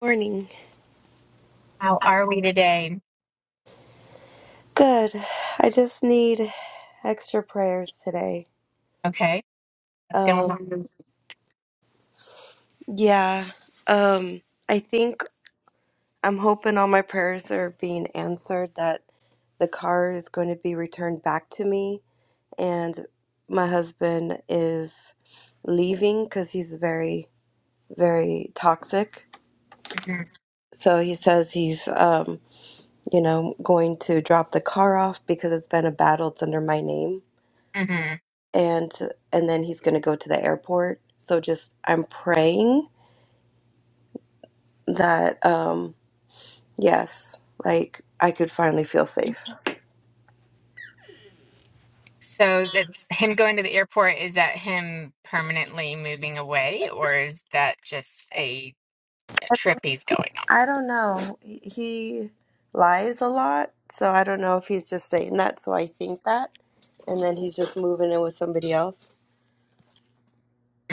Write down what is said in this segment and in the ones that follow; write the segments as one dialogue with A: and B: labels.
A: Morning.
B: How are we today?
A: Good. I just need extra prayers today.
B: Okay, what's going
A: Um
B: on?
A: yeah. Um I think I'm hoping all my prayers are being answered that the car is going to be returned back to me and my husband is leaving cuz he's very very toxic.
B: hmm
A: So he says he's um you know going to drop the car off because it's been a battle it's under my name
B: hmm
A: and and then he's going to go to the airport so just i'm praying that um yes like i could finally feel safe
B: So that him going to the airport is that him permanently moving away, or is that just a, a trip he's going
A: i don't know he he lies a lot so i don't know if he's just saying that so i think that and then he's just moving in with somebody else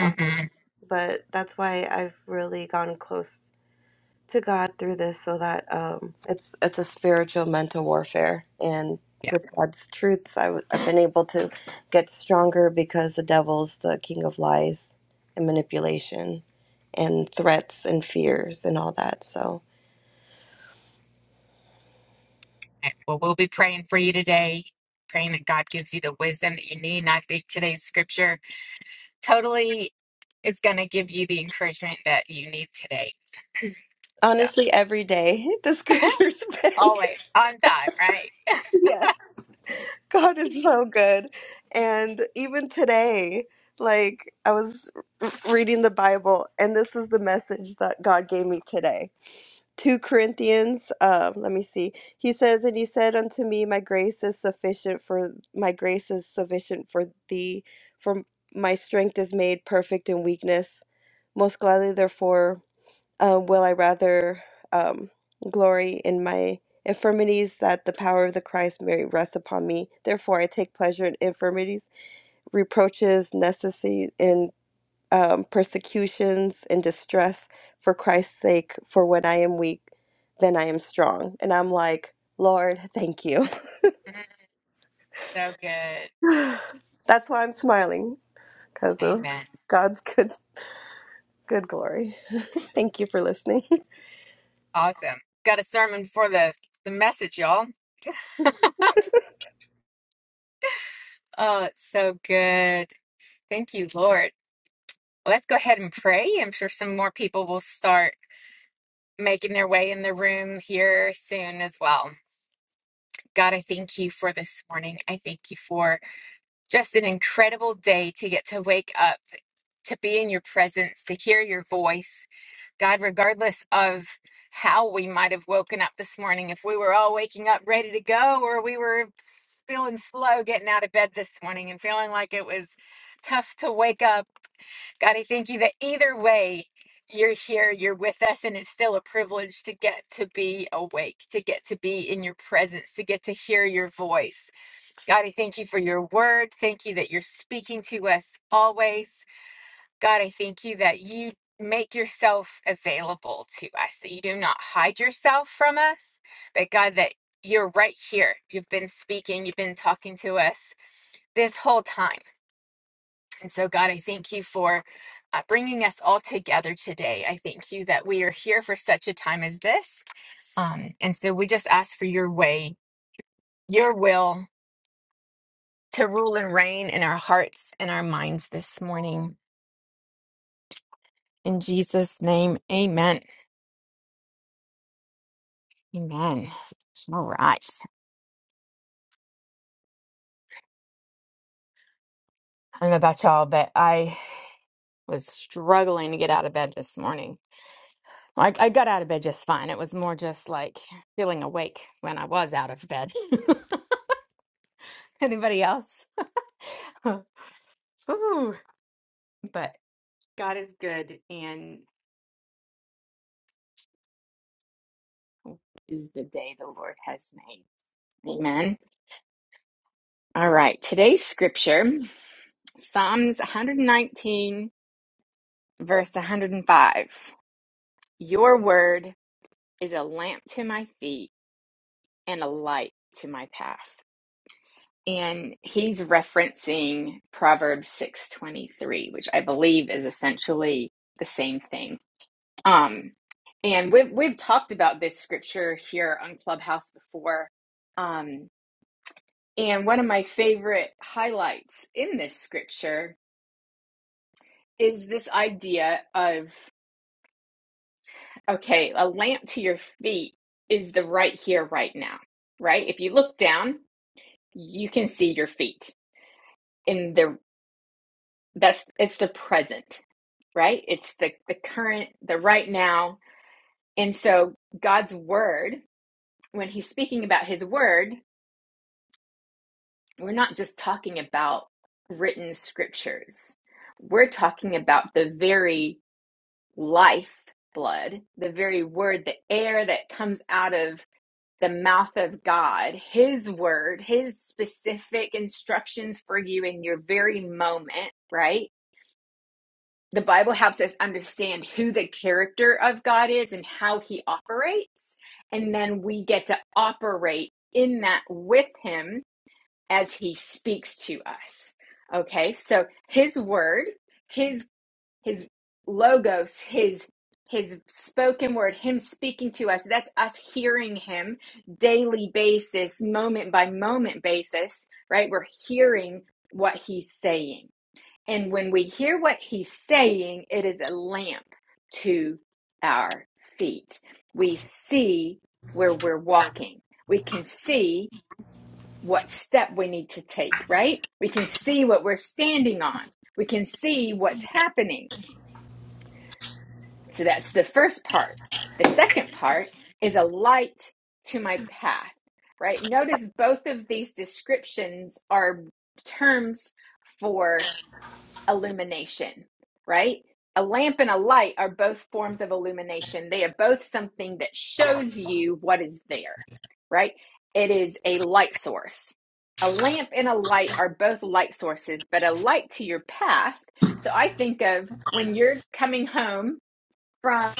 A: Uh,
B: hmm
A: but that's why i've really gone close to God through this so that um, it's it's a spiritual mental warfare and
B: Yeah.
A: with God's truths i w- I've been able to get stronger because the devil's the king of lies and manipulation and threats and fears and all that so
B: Okay. Well, we'll be praying for you today, praying that God gives you the wisdom that you need. And I think today's scripture totally is going to give you the encouragement that you need today. So
A: honestly every day the has been
B: always on time, right?
A: yes God is so good and even today like I was reading the Bible and this is the message that God gave me today 2 Corinthians, um, let me see. He says, And he said unto me, My grace is sufficient for my grace is sufficient for thee, for my strength is made perfect in weakness. Most gladly, therefore, um, will I rather um, glory in my infirmities, that the power of the Christ may rest upon me. Therefore, I take pleasure in infirmities, reproaches, necessity, and um, persecutions and distress for Christ's sake, for when I am weak, then I am strong. And I'm like, Lord, thank you.
B: Mhm. so good.
A: That's why I'm smiling because of
B: Amen.
A: God's good good glory. Thank you for listening.
B: Awesome. Got a sermon for the, the message, y'all. Oh, it's so good. Thank you, Lord. Let's go ahead and pray. I'm sure some more people will start making their way in the room here soon as well. God, I thank you for this morning. I thank you for just an incredible day to get to wake up, to be in your presence, to hear your voice. God, regardless of how we might have woken up this morning, if we were all waking up ready to go or we were s- feeling slow getting out of bed this morning and feeling like it was tough to wake up, God, I thank you that either way, you're here, you're with us, and it's still a privilege to get to be awake, to get to be in your presence, to get to hear your voice. God, I thank you for your word. Thank you that you're speaking to us always. God, I thank you that you make yourself available to us, that you do not hide yourself from us, but God, that you're right here. You've been speaking, you've been talking to us this whole time. And so, God, I thank you for uh, bringing us all together today. I thank you that we are here for such a time as this. Um, and so we just ask for your way, your will, to rule and reign in our hearts and our minds this morning. In Jesus' name, amen. Amen. All right. I don't know about y'all, but I was struggling to get out of bed this morning. I, I got out of bed just fine. It was more just like feeling awake when I was out of bed. Anybody else? Ooh, but God is good and this is the day the Lord has made. Amen. All right. Today's scripture, Psalms 119 verse 105 Your word is a lamp to my feet and a light to my path. And he's referencing Proverbs 6:23, which I believe is essentially the same thing. Um and we've we've talked about this scripture here on Clubhouse before. Um and one of my favorite highlights in this scripture is this idea of Okay, a lamp to your feet is the right here, right now, right? If you look down, you can see your feet in the that's it's the present, right? It's the the current, the right now. And so God's word, when he's speaking about his word, we're not just talking about written scriptures. We're talking about the very life blood, the very word, the air that comes out of the mouth of God, His word, His specific instructions for you in your very moment, right? The Bible helps us understand who the character of God is and how He operates. And then we get to operate in that with Him as He speaks to us. Okay, so His word, His his logos his his spoken word him speaking to us that's us hearing him daily basis moment by moment basis right we're hearing what he's saying and when we hear what he's saying it is a lamp to our feet we see where we're walking we can see what step we need to take right we can see what we're standing on we can see what's happening so that's the first part. The second part is a light to my path, right? Notice both of these descriptions are terms for illumination, right? A lamp and a light are both forms of illumination. They are both something that shows you what is there, right? It is a light source. A lamp and a light are both light sources, but a light to your path. So I think of when you're coming home from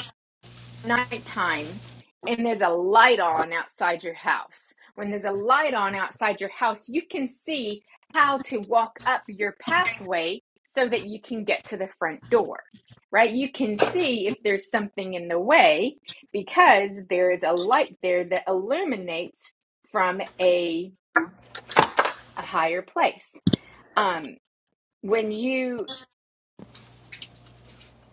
B: nighttime and there's a light on outside your house. When there's a light on outside your house, you can see how to walk up your pathway so that you can get to the front door, right? You can see if there's something in the way because there is a light there that illuminates from a, a higher place. Um, when you,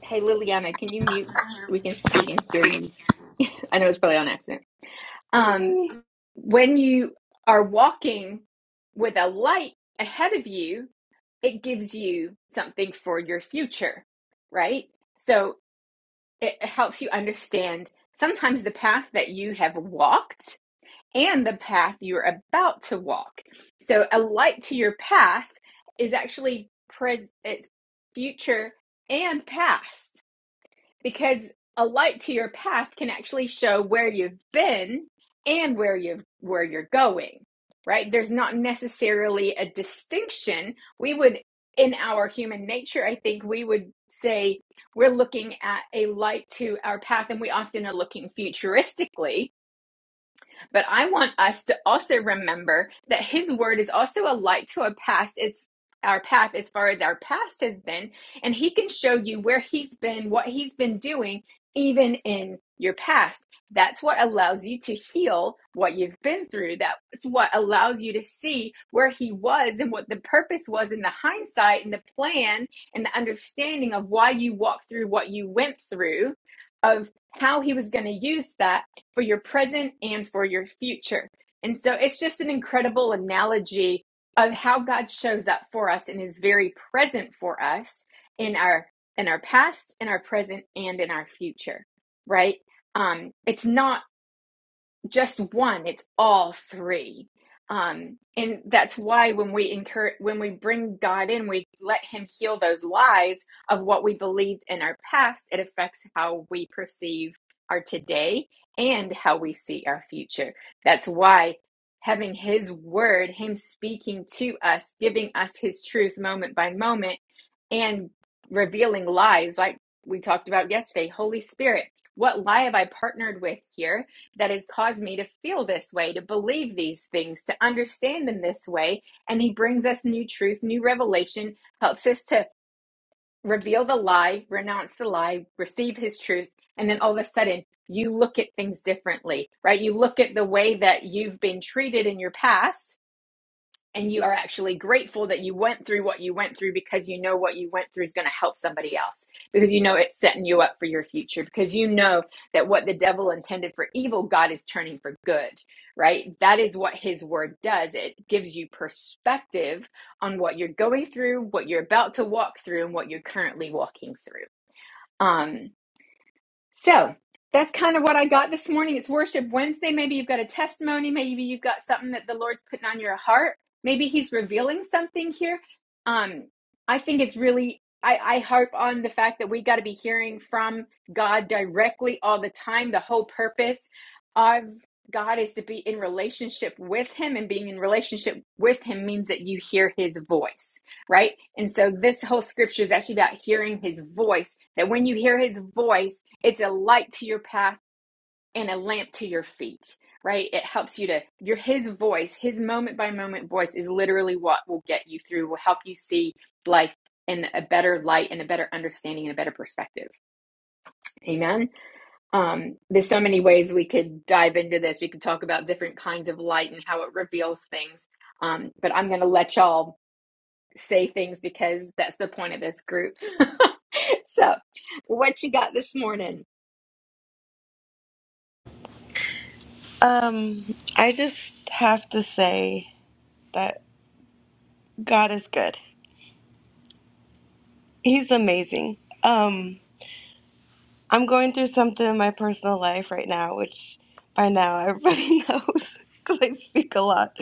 B: hey Liliana, can you mute? We can we can hear you. I know it's probably on accident. Um, When you are walking with a light ahead of you, it gives you something for your future, right? So it helps you understand sometimes the path that you have walked and the path you're about to walk. So a light to your path is actually pres- it's future and past because a light to your path can actually show where you've been and where you where you're going right there's not necessarily a distinction we would in our human nature i think we would say we're looking at a light to our path and we often are looking futuristically but I want us to also remember that His word is also a light to our path, as our path as far as our past has been, and He can show you where He's been, what He's been doing, even in your past. That's what allows you to heal what you've been through. That's what allows you to see where He was and what the purpose was in the hindsight and the plan and the understanding of why you walked through what you went through, of how He was going to use that for your present and for your future. And so it's just an incredible analogy of how God shows up for us and is very present for us in our in our past, in our present, and in our future. Right? Um, it's not just one it's all three um and that's why when we incur when we bring god in we let him heal those lies of what we believed in our past it affects how we perceive our today and how we see our future that's why having his word him speaking to us giving us his truth moment by moment and revealing lies like we talked about yesterday holy spirit what lie have i partnered with here that has caused me to feel this way, to believe these things, to understand them this way. And He brings us new truth, new revelation, helps us to reveal the lie, renounce the lie, receive His truth. And then all of a sudden, you look at things differently, right? You look at the way that you've been treated in your past and you are actually grateful that you went through what you went through because you know what you went through is going to help somebody else because you know it's setting you up for your future because you know that what the devil intended for evil god is turning for good right that is what his word does it gives you perspective on what you're going through what you're about to walk through and what you're currently walking through um so that's kind of what I got this morning. It's Worship Wednesday. Maybe you've got a testimony. Maybe you've got something that the Lord's putting on your heart. Maybe He's revealing something here. Um, I think it's really, I, I harp on the fact that we got to be hearing from God directly all the time. The whole purpose of God is to be in relationship with Him, and being in relationship with Him means that you hear His voice right? And so this whole scripture is actually about hearing his voice, that when you hear his voice, it's a light to your path and a lamp to your feet, right? It helps you to, your his voice, his moment by moment voice is literally what will get you through, will help you see life in a better light and a better understanding and a better perspective. Amen. Um, there's so many ways we could dive into this. We could talk about different kinds of light and how it reveals things. Um, but I'm going to let y'all say things because that's the point of this group. so, what you got this morning?
A: um, I just have to say that God is good. He's amazing. Um, I'm going through something in my personal life right now, which by now everybody knows because I speak a lot.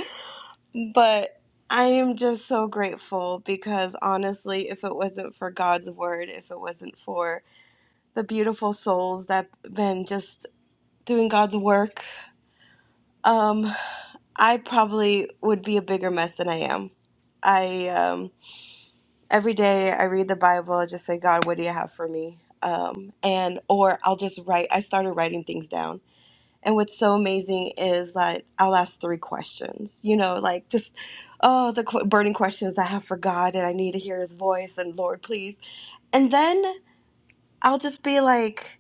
A: But I am just so grateful because honestly, if it wasn't for God's word, if it wasn't for the beautiful souls that been just doing God's work, um, I probably would be a bigger mess than I am. I um, every day I read the Bible, I just say, God, what do you have for me? Um, and or I'll just write. I started writing things down And what's so amazing is that I'll ask three questions, you know, like just, oh, the qu- burning questions I have for God and I need to hear his voice and Lord, please. And then I'll just be like,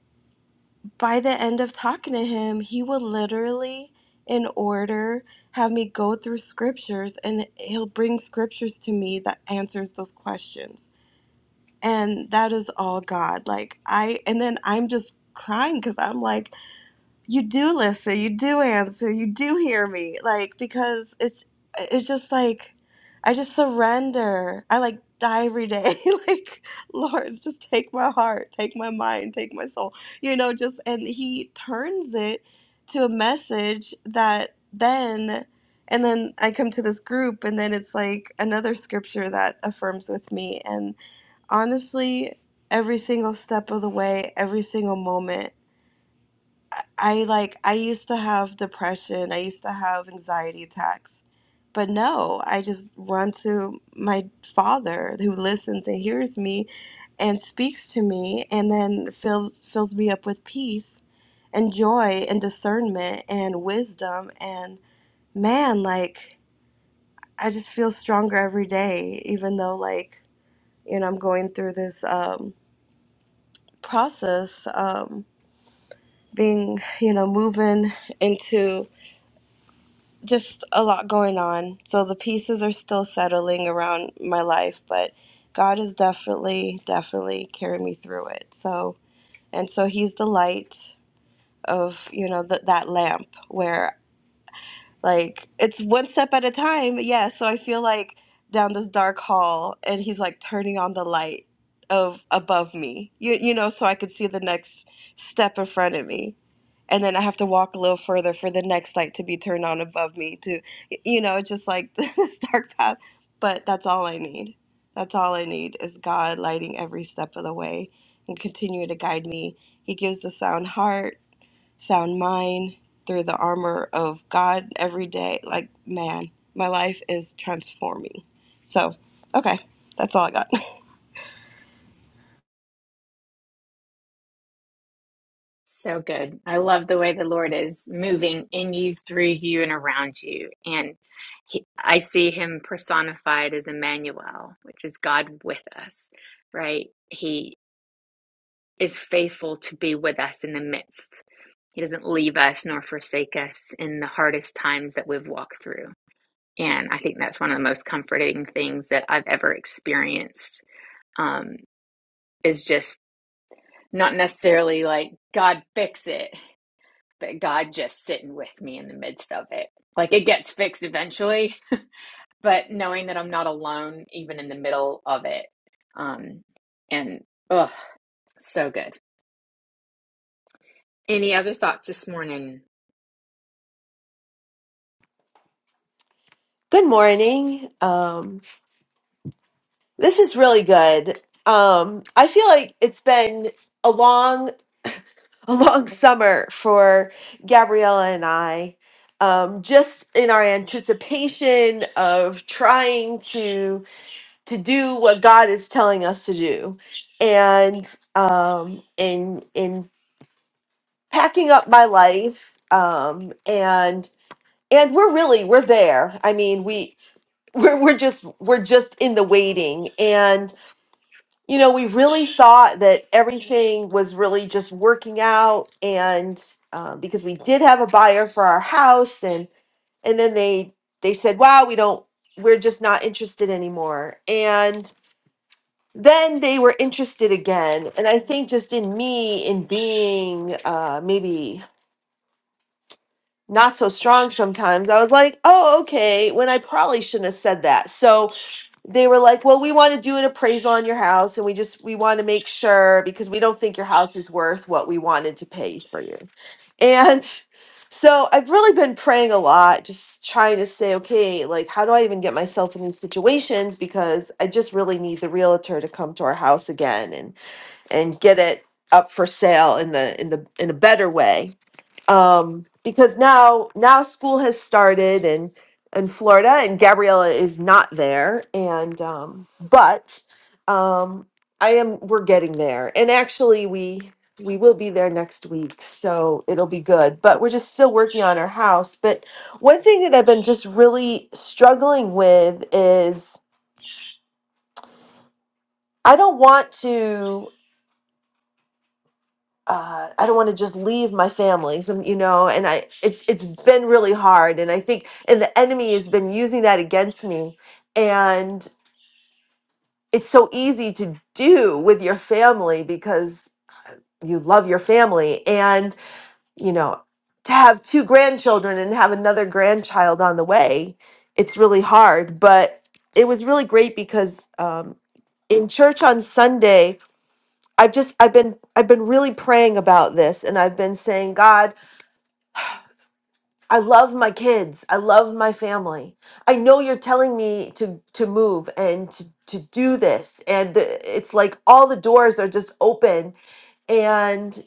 A: by the end of talking to him, he will literally, in order, have me go through scriptures and he'll bring scriptures to me that answers those questions. And that is all God. Like, I, and then I'm just crying because I'm like, you do listen, you do answer, you do hear me. Like because it's it's just like I just surrender. I like die every day. like Lord, just take my heart, take my mind, take my soul. You know, just and he turns it to a message that then and then I come to this group and then it's like another scripture that affirms with me and honestly every single step of the way, every single moment I I like I used to have depression, I used to have anxiety attacks. But no, I just run to my father who listens and hears me and speaks to me and then fills fills me up with peace and joy and discernment and wisdom and man like I just feel stronger every day even though like you know I'm going through this um process um being you know moving into just a lot going on. So the pieces are still settling around my life, but God has definitely, definitely carried me through it. So, and so He's the light of, you know, th- that lamp where like it's one step at a time yeah so i feel like down this dark hall and he's like turning on the light of above me you, you know so i could see the next step in front of me and then i have to walk a little further for the next light to be turned on above me to you know just like this dark path but that's all i need that's all i need is god lighting every step of the way and continue to guide me he gives the sound heart sound mind through the armor of God every day. Like, man, my life is transforming. So, okay, that's all I got.
B: So good. I love the way the Lord is moving in you, through you, and around you. And he, I see him personified as Emmanuel, which is God with us, right? He is faithful to be with us in the midst. He doesn't leave us nor forsake us in the hardest times that we've walked through. And I think that's one of the most comforting things that I've ever experienced um, is just not necessarily like God fix it, but God just sitting with me in the midst of it. Like it gets fixed eventually, but knowing that I'm not alone even in the middle of it. Um, and ugh, so good. Any other thoughts this morning?
C: Good morning. Um, this is really good. Um, I feel like it's been a long, a long summer for Gabriella and I. Um, just in our anticipation of trying to to do what God is telling us to do, and um, in in packing up my life, um, and and we're really we're there. I mean, we we're, we're just we're just in the waiting you know, we really thought that everything was really just working out, and uh, because we did have a buyer for our house, and and then they they said, "Wow, we don't, we're just not interested anymore," and then they were interested again, and I think just in me, in being uh, maybe not so strong sometimes, I was like, "Oh, okay," when I probably shouldn't have said that. So they were like, "Well, we want to do an appraisal on your house, and we just we want to make sure because we don't think your house is worth what we wanted to pay for you." And so I've really been praying a lot, just trying to say, "Okay, like how do I even get myself in these situations?" Because I just really need the realtor to come to our house again and and get it up for sale in the in the in a better way um, because now now school has started in in Florida, and Gabriella is not there, and um, but um, I am. We're getting there, and actually, we we will be there next week, so it'll be good. But we're just still working on our house. But one thing that I've been just really struggling with is I don't want to. uh, I don't want to just leave my family, some, you know, and I it's it's been really hard, and I think and the enemy has been using that against me, and it's so easy to do with your family because you love your family, and you know to have two grandchildren and have another grandchild on the way, it's really hard, but it was really great because um, in church on Sunday. I've just I've been I've been really praying about this and I've been saying God I love my kids. I love my family. I know you're telling me to to move and to to do this and it's like all the doors are just open and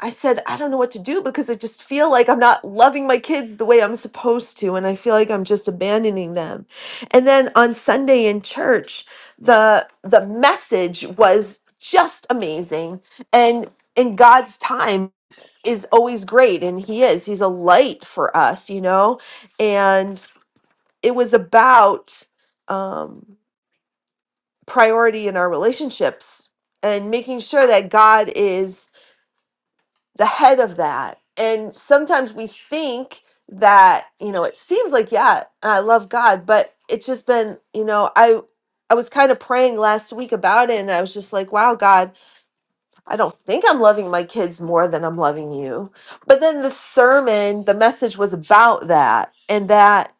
C: I said I don't know what to do because I just feel like I'm not loving my kids the way I'm supposed to and I feel like I'm just abandoning them. And then on Sunday in church, the the message was just amazing and in God's time is always great and he is he's a light for us you know and it was about um priority in our relationships and making sure that god is the head of that and sometimes we think that you know it seems like yeah i love god but it's just been you know i i was kind of praying last week about it and i was just like wow god I don't think I'm loving my kids more than I'm loving you. But then the sermon, the message was about that, and that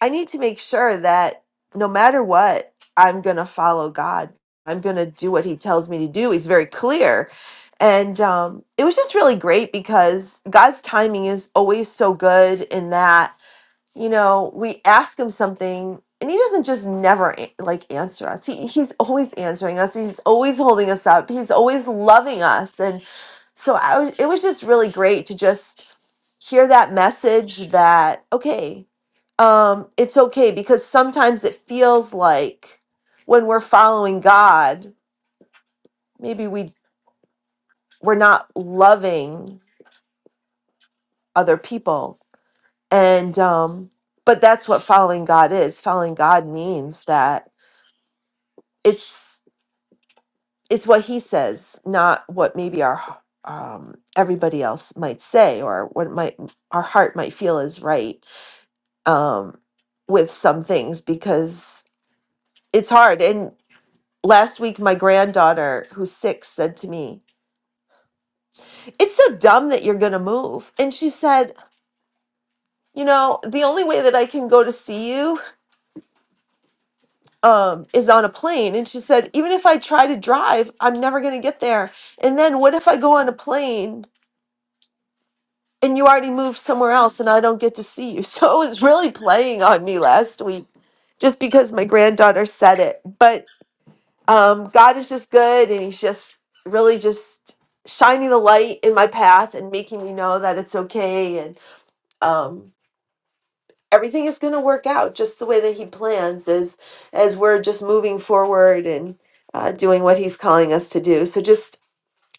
C: I need to make sure that no matter what, I'm going to follow God. I'm going to do what He tells me to do. He's very clear. And um, it was just really great because God's timing is always so good in that you know, we ask him something and he doesn't just never a- like answer us. He he's always answering us. He's always holding us up. He's always loving us. And so I was, it was just really great to just hear that message that okay, um it's okay because sometimes it feels like when we're following God, maybe we we're not loving other people. And um but that's what following God is. Following God means that it's it's what he says, not what maybe our um, everybody else might say or what might our heart might feel is right um, with some things because it's hard. And last week, my granddaughter, who's six, said to me, "It's so dumb that you're going to move," and she said. You know, the only way that I can go to see you um, is on a plane. And she said, even if I try to drive, I'm never going to get there. And then what if I go on a plane and you already moved somewhere else and I don't get to see you. So it was really playing on me last week just because my granddaughter said it. But um, God is just good and He's just really just shining the light in my path and making me know that it's okay and um, everything is going to work out just the way that He plans as, as we're just moving forward and uh, doing what He's calling us to do. So just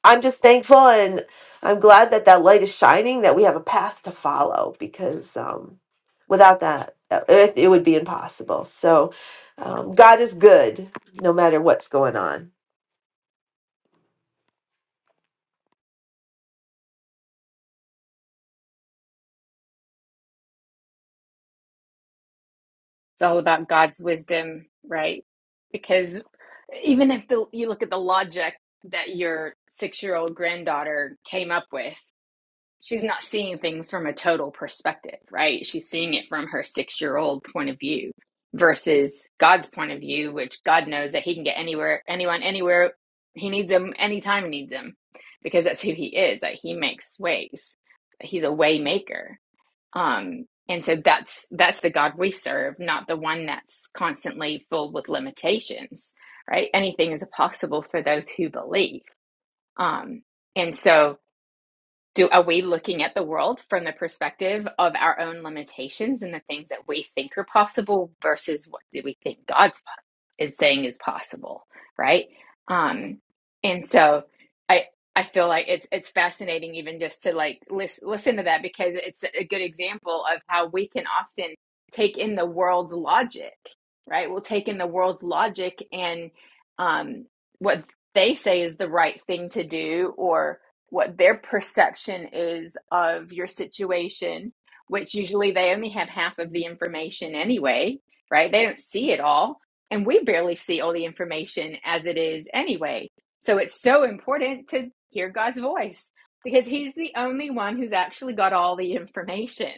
C: I'm just thankful and I'm glad that that light is shining, that we have a path to follow because um, without that, that- it, it would be impossible. So um, God is good no matter what's going on.
B: It's all about God's wisdom, right? Because even if the, you look at the logic that your six year old granddaughter came up with, she's not seeing things from a total perspective, right? She's seeing it from her six year old point of view versus God's point of view, which God knows that he can get anywhere, anyone, anywhere he needs him, anytime he needs him, because that's who he is, that he makes ways. He's a way maker. Um, and so that's that's the God we serve, not the one that's constantly filled with limitations, right? Anything is possible for those who believe. Um, and so do are we looking at the world from the perspective of our own limitations and the things that we think are possible versus what do we think God's is saying is possible, right? Um, and so I I feel like it's it's fascinating even just to like listen listen to that because it's a good example of how we can often take in the world's logic, right? We'll take in the world's logic and um, what they say is the right thing to do or what their perception is of your situation, which usually they only have half of the information anyway, right? They don't see it all. And we barely see all the information as it is anyway. So it's so important to hear God's voice because He's the only one who's actually got all the information.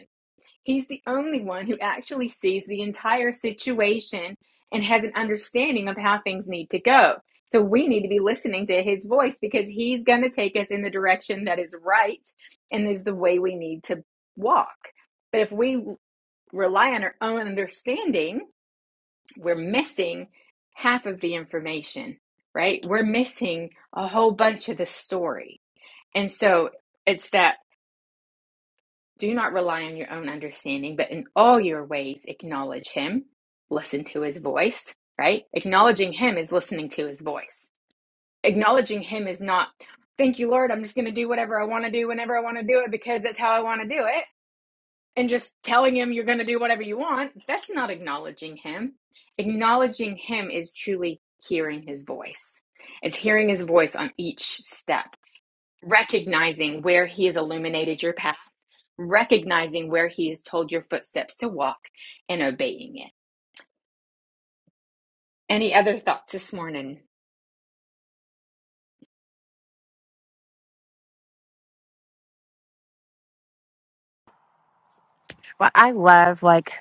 B: He's the only one who actually sees the entire situation and has an understanding of how things need to go. So we need to be listening to his voice because he's going to take us in the direction that is right and is the way we need to walk. But if we rely on our own understanding, we're missing half of the information, right? We're missing a whole bunch of the story. And so it's that do not rely on your own understanding, but in all your ways acknowledge him, listen to his voice, right? Acknowledging him is listening to his voice. Acknowledging him is not, thank you, Lord, I'm just going to do whatever I want to do whenever I want to do it because that's how I want to do it. And just telling him you're going to do whatever you want, that's not acknowledging him. Acknowledging him is truly hearing his voice. It's hearing his voice on each step recognizing where he has illuminated your path, recognizing where he has told your footsteps to walk, and obeying it. Any other thoughts this morning?
D: Well, I love like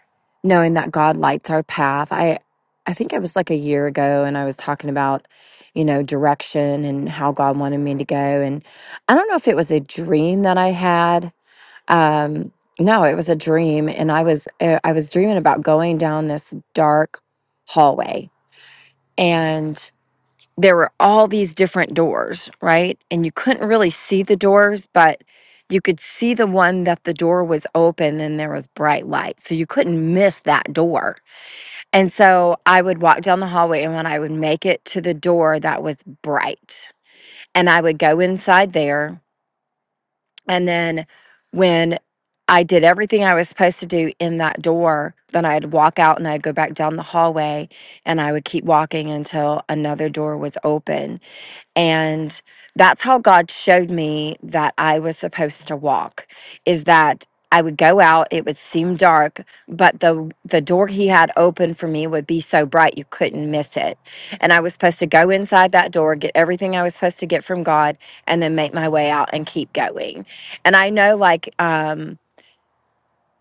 D: knowing that God lights our path. I I think it was like a year ago and I was talking about, you know, direction and how God wanted me to go and I don't know if it was a dream that I had. Um no, it was a dream and I was uh, I was dreaming about going down this dark hallway there were all these different doors, right? And you couldn't really see the doors, but you could see the one that the door was open and there was bright light. So you couldn't miss that door. And so I would walk down the hallway and when I would make it to the door that was bright, and I would go inside there. And then when I did everything I was supposed to do in that door, then I'd walk out and I'd go back down the hallway and I would keep walking until another door was open and that's how god showed me that i was supposed to walk is that i would go out it would seem dark but the the door he had open for me would be so bright you couldn't miss it and i was supposed to go inside that door get everything i was supposed to get from god and then make my way out and keep going and i know like um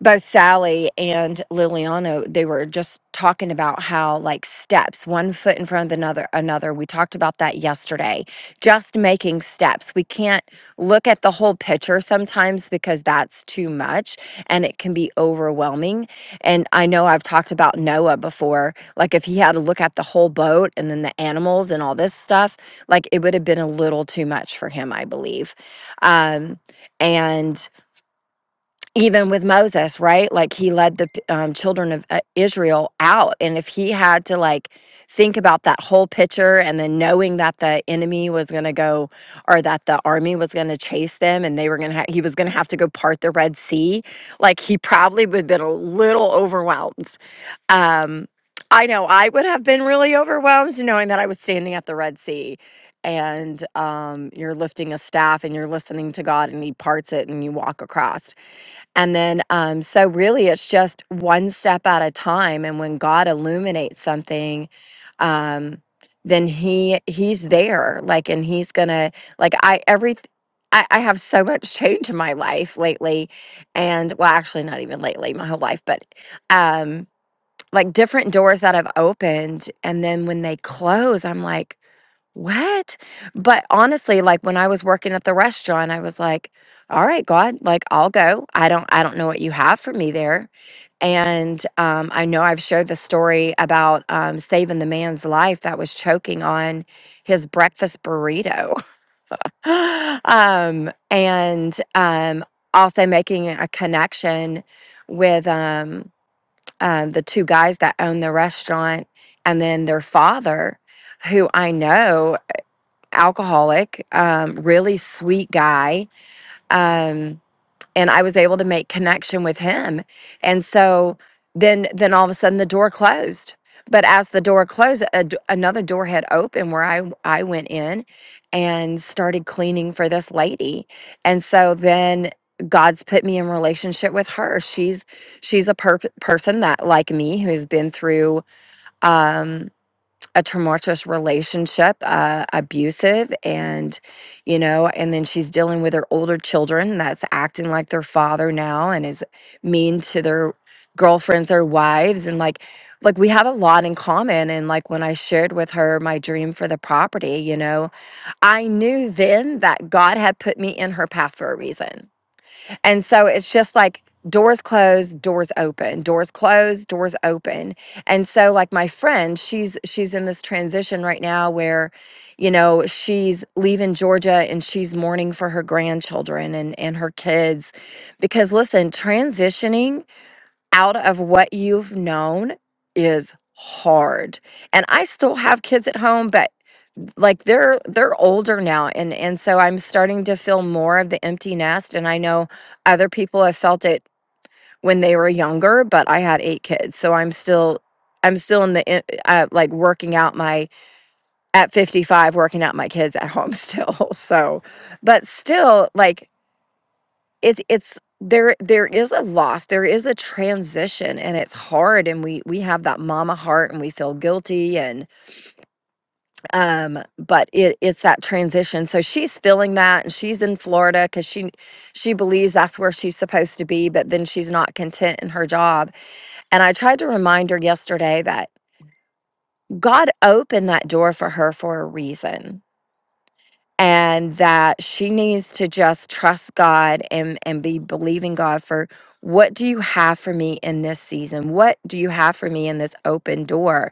D: both Sally and Liliano, they were just talking about how like steps, one foot in front of another another. We talked about that yesterday. Just making steps. We can't look at the whole picture sometimes because that's too much and it can be overwhelming. And I know I've talked about Noah before. Like if he had to look at the whole boat and then the animals and all this stuff, like it would have been a little too much for him, I believe. Um and even with Moses, right? Like he led the p- um, children of uh, Israel out. And if he had to like think about that whole picture and then knowing that the enemy was going to go or that the army was going to chase them and they were going to, ha- he was going to have to go part the Red Sea, like he probably would have been a little overwhelmed. Um, I know I would have been really overwhelmed knowing that I was standing at the Red Sea and um, you're lifting a staff and you're listening to God and he parts it and you walk across and then, um, so really, it's just one step at a time. And when God illuminates something, um, then he he's there, like, and he's gonna like I every I, I have so much change in my life lately, and well, actually, not even lately, my whole life, but um, like different doors that have opened, and then when they close, I'm like. What? But honestly, like when I was working at the restaurant, I was like, all right, God, like I'll go. I don't I don't know what you have for me there. And um, I know I've shared the story about um, saving the man's life that was choking on his breakfast burrito. um, and um, also making a connection with um, um, the two guys that own the restaurant and then their father who I know alcoholic, um, really sweet guy. Um, and I was able to make connection with him. And so then then all of a sudden the door closed. But as the door closed, a d another door had opened where I I went in and started cleaning for this lady. And so then God's put me in relationship with her. She's she's a per- person that like me who's been through um, a tumultuous relationship, uh, abusive, and you know, and then she's dealing with her older children that's acting like their father now and is mean to their girlfriends or wives, and like, like we have a lot in common. And like when I shared with her my dream for the property, you know, I knew then that God had put me in her path for a reason and so it's just like doors closed, doors open, doors closed, doors open. And so like my friend, she's she's in this transition right now where you know, she's leaving Georgia and she's mourning for her grandchildren and and her kids because listen, transitioning out of what you've known is hard. And I still have kids at home, but like they're they're older now and and so i'm starting to feel more of the empty nest and i know other people have felt it when they were younger but i had eight kids so i'm still i'm still in the in- uh, like working out my at 55 working out my kids at home still so but still like it's it's there there is a loss there is a transition and it's hard and we we have that mama heart and we feel guilty um but it it's that transition so she's feeling that and she's in Florida cuz she she believes that's where she's supposed to be but then she's not content in her job and I tried to remind her yesterday that God opened that door for her for a reason and that she needs to just trust God and and be believing God for what do you have for me in this season? What do you have for me in this open door?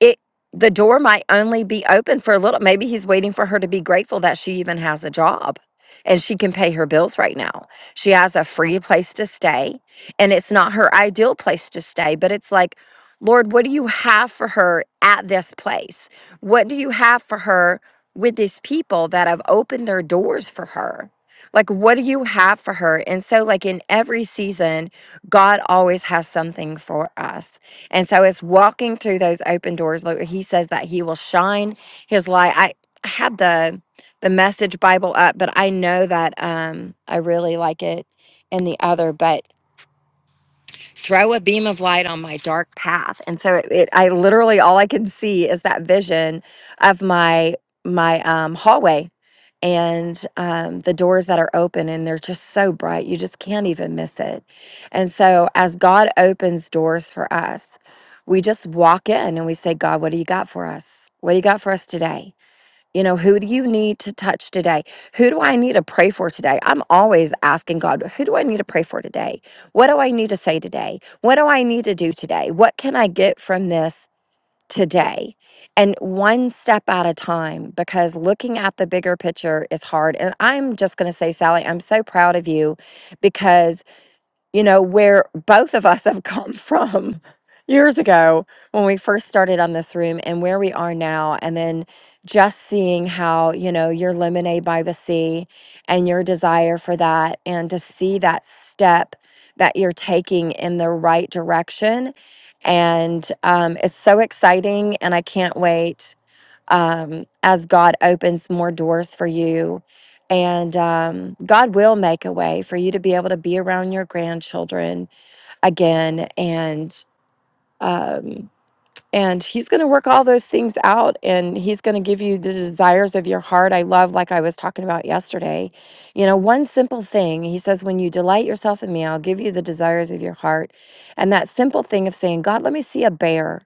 D: It the door might only be open for a little. Maybe he's waiting for her to be grateful that she even has a job and she can pay her bills right now. She has a free place to stay and it's not her ideal place to stay, but it's like Lord, what do you have for her at this place? What do you have for her with these people that have opened their doors for her. Like, what do you have for her? And so, like, in every season, God always has something for us. And so, it's walking through those open doors. Like, he says that he will shine his light. I I had the the message Bible up, but I know that um, I really like it in the other. But throw a beam of light on my dark path. And so it, it I literally all I can see is that vision of my my um, hallway and um, the doors that are open and they're just so bright you just can't even miss it and so as god opens doors for us we just walk in and we say god what do you got for us what do you got for us today you know, who do you need to touch today? Who do I need to pray for today? I'm always asking God, who do I need to pray for today? What do I need to say today? What do I need to do today? What can I get from this today? And one step at a time, because looking at the bigger picture is hard. And I'm just going to say, Sally, I'm so proud of you because you know, where both of us have come from years ago when we first started on this room and where we are now. And then just seeing how, you know, your lemonade by the sea and your desire for that, and to see that step that you're taking in the right direction. And um, it's so exciting. And I can't wait um, as God opens more doors for you. And um, God will make a way for you to be able to be around your grandchildren again. And um, and He's going to work all those things out, and He's going to give you the desires of your heart. I love, like I was talking about yesterday. You know, one simple thing. He says, "When you delight yourself in Me, I'll give you the desires of your heart." And that simple thing of saying, "God, let me see a bear."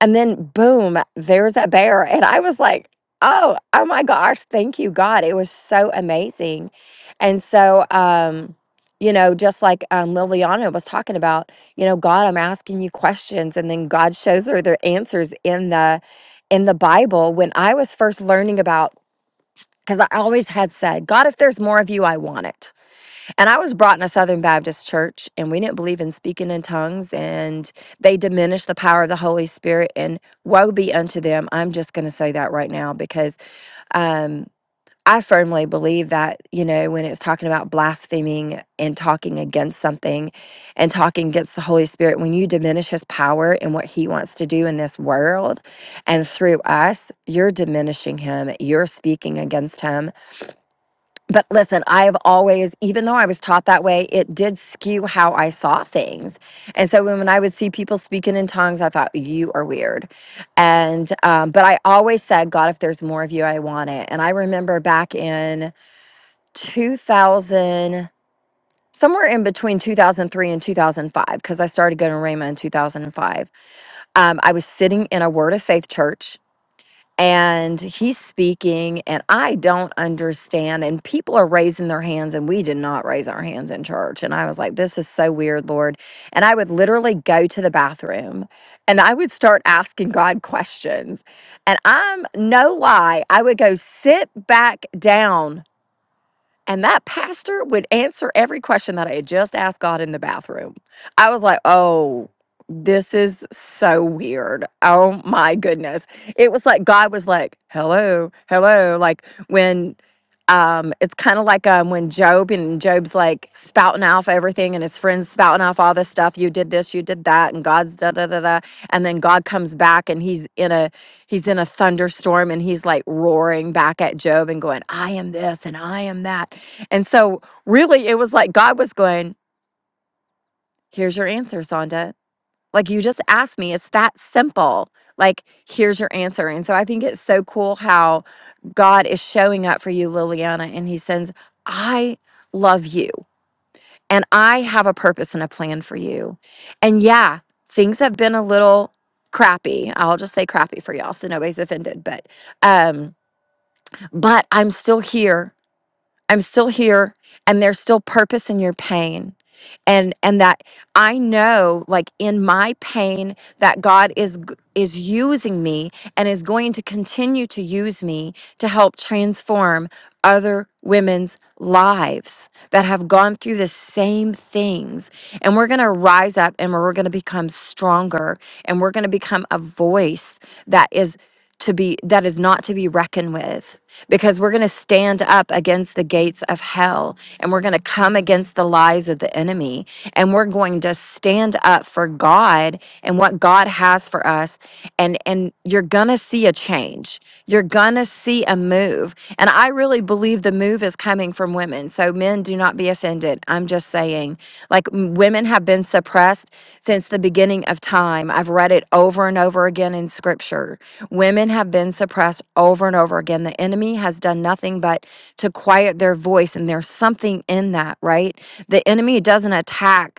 D: And then boom, there's a bear. And I was like, oh, oh my gosh, thank you, God. It was so amazing. And so, um, you know, just like um, Liliana was talking about, you know, God, I'm asking you questions, and then God shows her their answers in the in the Bible. When I was first learning about, because I always had said, God, if there's more of you, I want it. And I was brought in a Southern Baptist church, and we didn't believe in speaking in tongues, and they diminished the power of the Holy Spirit. And woe be unto them. I'm just going to say that right now because um, I firmly believe that, you know, when it's talking about blaspheming and talking against something and talking against the Holy Spirit, when you diminish his power and what he wants to do in this world and through us, you're diminishing him, you're speaking against him. But listen, I've always, even though I was taught that way, it did skew how I saw things. And so when when I would see people speaking in tongues, I thought, you are weird. And, um, but I always said, God, if there's more of you, I want it. And I remember back in 2000, somewhere in between 2003 and 2005, because I started going to Rhema in 2005, um, I was sitting in a Word of Faith church and he's speaking and i don't understand and people are raising their hands and we did not raise our hands in church and i was like this is so weird lord and i would literally go to the bathroom and i would start asking god questions and i'm no lie i would go sit back down and that pastor would answer every question that I had just asked God in the bathroom. I was like, oh, this is so weird. Oh my goodness. It was like God was like, hello, hello. Like when um it's kind of like um when Job and Job's like spouting off everything and his friends spouting off all this stuff. You did this, you did that, and God's da da da da. And then God comes back and he's in a he's in a thunderstorm and he's like roaring back at Job and going, I am this and I am that. And so, really, it was like God was going, Here's your answer, Sonda. Like, you just asked me. It's that simple. Like, here's your answer. And so, I think it's so cool how God is showing up for you, Liliana, and He sends, I love you and I have a purpose and a plan for you. And yeah, things have been a little crappy. I'll just say crappy for y'all so nobody's offended, but um but I'm still here I'm still here and there's still purpose in your pain. And and that I know like in my pain that God is g- is using me and is going to continue to use me to help transform other women's lives that have gone through the same things. And we're going to rise up and we're going to become stronger and we're going to become a voice that is to be that is not to be reckoned with because we're going to stand up against the gates of hell and we're going to come against the lies of the enemy and we're going to stand up for God and what God has for us us and and you're gonna see a change you're gonna see a move and i really believe the move is coming from women so men do not be offended i'm just saying like m- women have been suppressed since the beginning of time i've read it over and over again in scripture women have been suppressed over and over again the enemy has done nothing but to quiet their voice and there's something in that right the enemy doesn't attack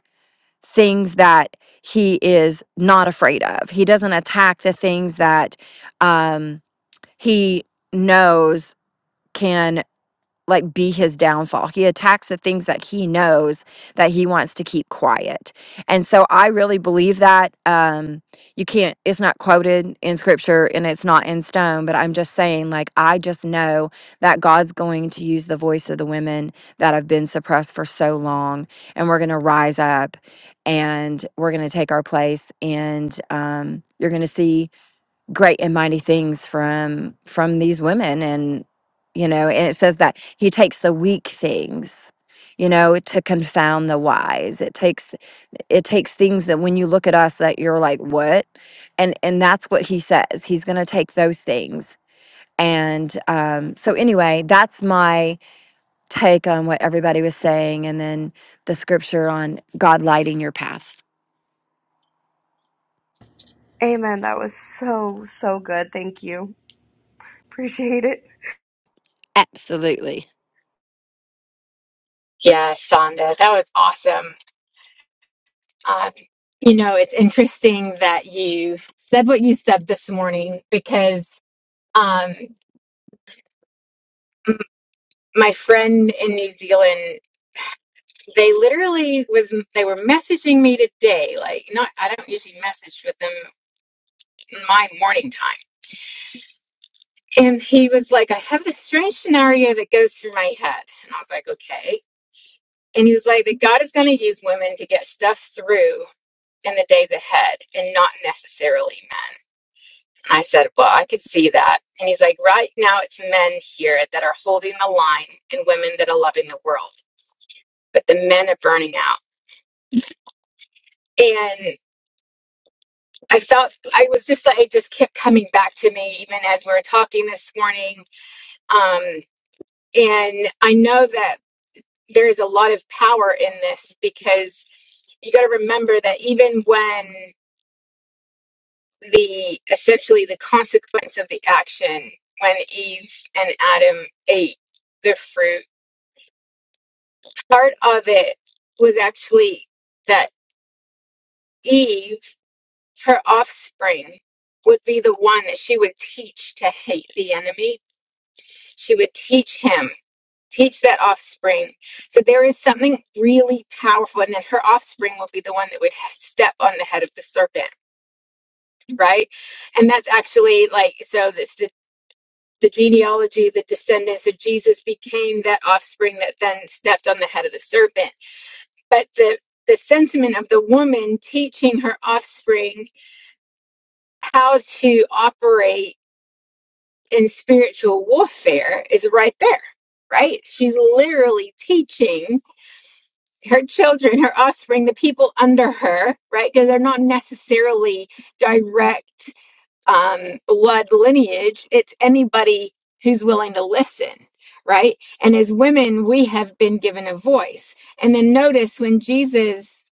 D: things that he is not afraid of. He doesn't attack the things that um, he knows can like be his downfall. He attacks the things that he knows that he wants to keep quiet. And so I really believe that um you can't it's not quoted in scripture and it's not in stone, but I'm just saying like I just know that God's going to use the voice of the women that have been suppressed for so long and we're going to rise up and we're going to take our place and um you're going to see great and mighty things from from these women and you know and it says that he takes the weak things you know to confound the wise it takes it takes things that when you look at us that you're like what and and that's what he says he's going to take those things and um so anyway that's my take on what everybody was saying and then the scripture on god lighting your path
A: Amen. That was so, so good. Thank you. Appreciate it.
D: Absolutely.
B: Yes, Sonda, that was awesome. Um, you know, it's interesting that you said what you said this morning because um, m- my friend in New Zealand, they literally was they were messaging me today. Like, not I don't usually message with them in my morning time. And he was like, I have this strange scenario that goes through my head. And I was like, okay. And he was like, that God is going to use women to get stuff through in the days ahead and not necessarily men. And I said, well, I could see that. And he's like, right now, men here that are holding the line in the world, but the men are burning out. And I felt I was just like it just kept coming back to me even as we were talking this morning. Um, and I know that. there is a lot of power in this because you got to remember that even when the essentially the consequence of the action when Eve and Adam ate the fruit part of it was actually that Eve her offspring would be the one that she would teach to hate the enemy she would teach him teach that offspring. So there is something really powerful. And then her offspring will be the one that would step on the head of the serpent, right? And that's actually like, so this, the, the genealogy, the descendants of Jesus became that offspring that then stepped on the head of the serpent. But the, the sentiment of the woman teaching her offspring how to operate in spiritual warfare is right there, right? She's literally teaching her children, her offspring, the people under her, right? Because they're not necessarily direct um, blood lineage. It's anybody who's willing to listen, right? And as women, we have been given a voice. And then notice when Jesus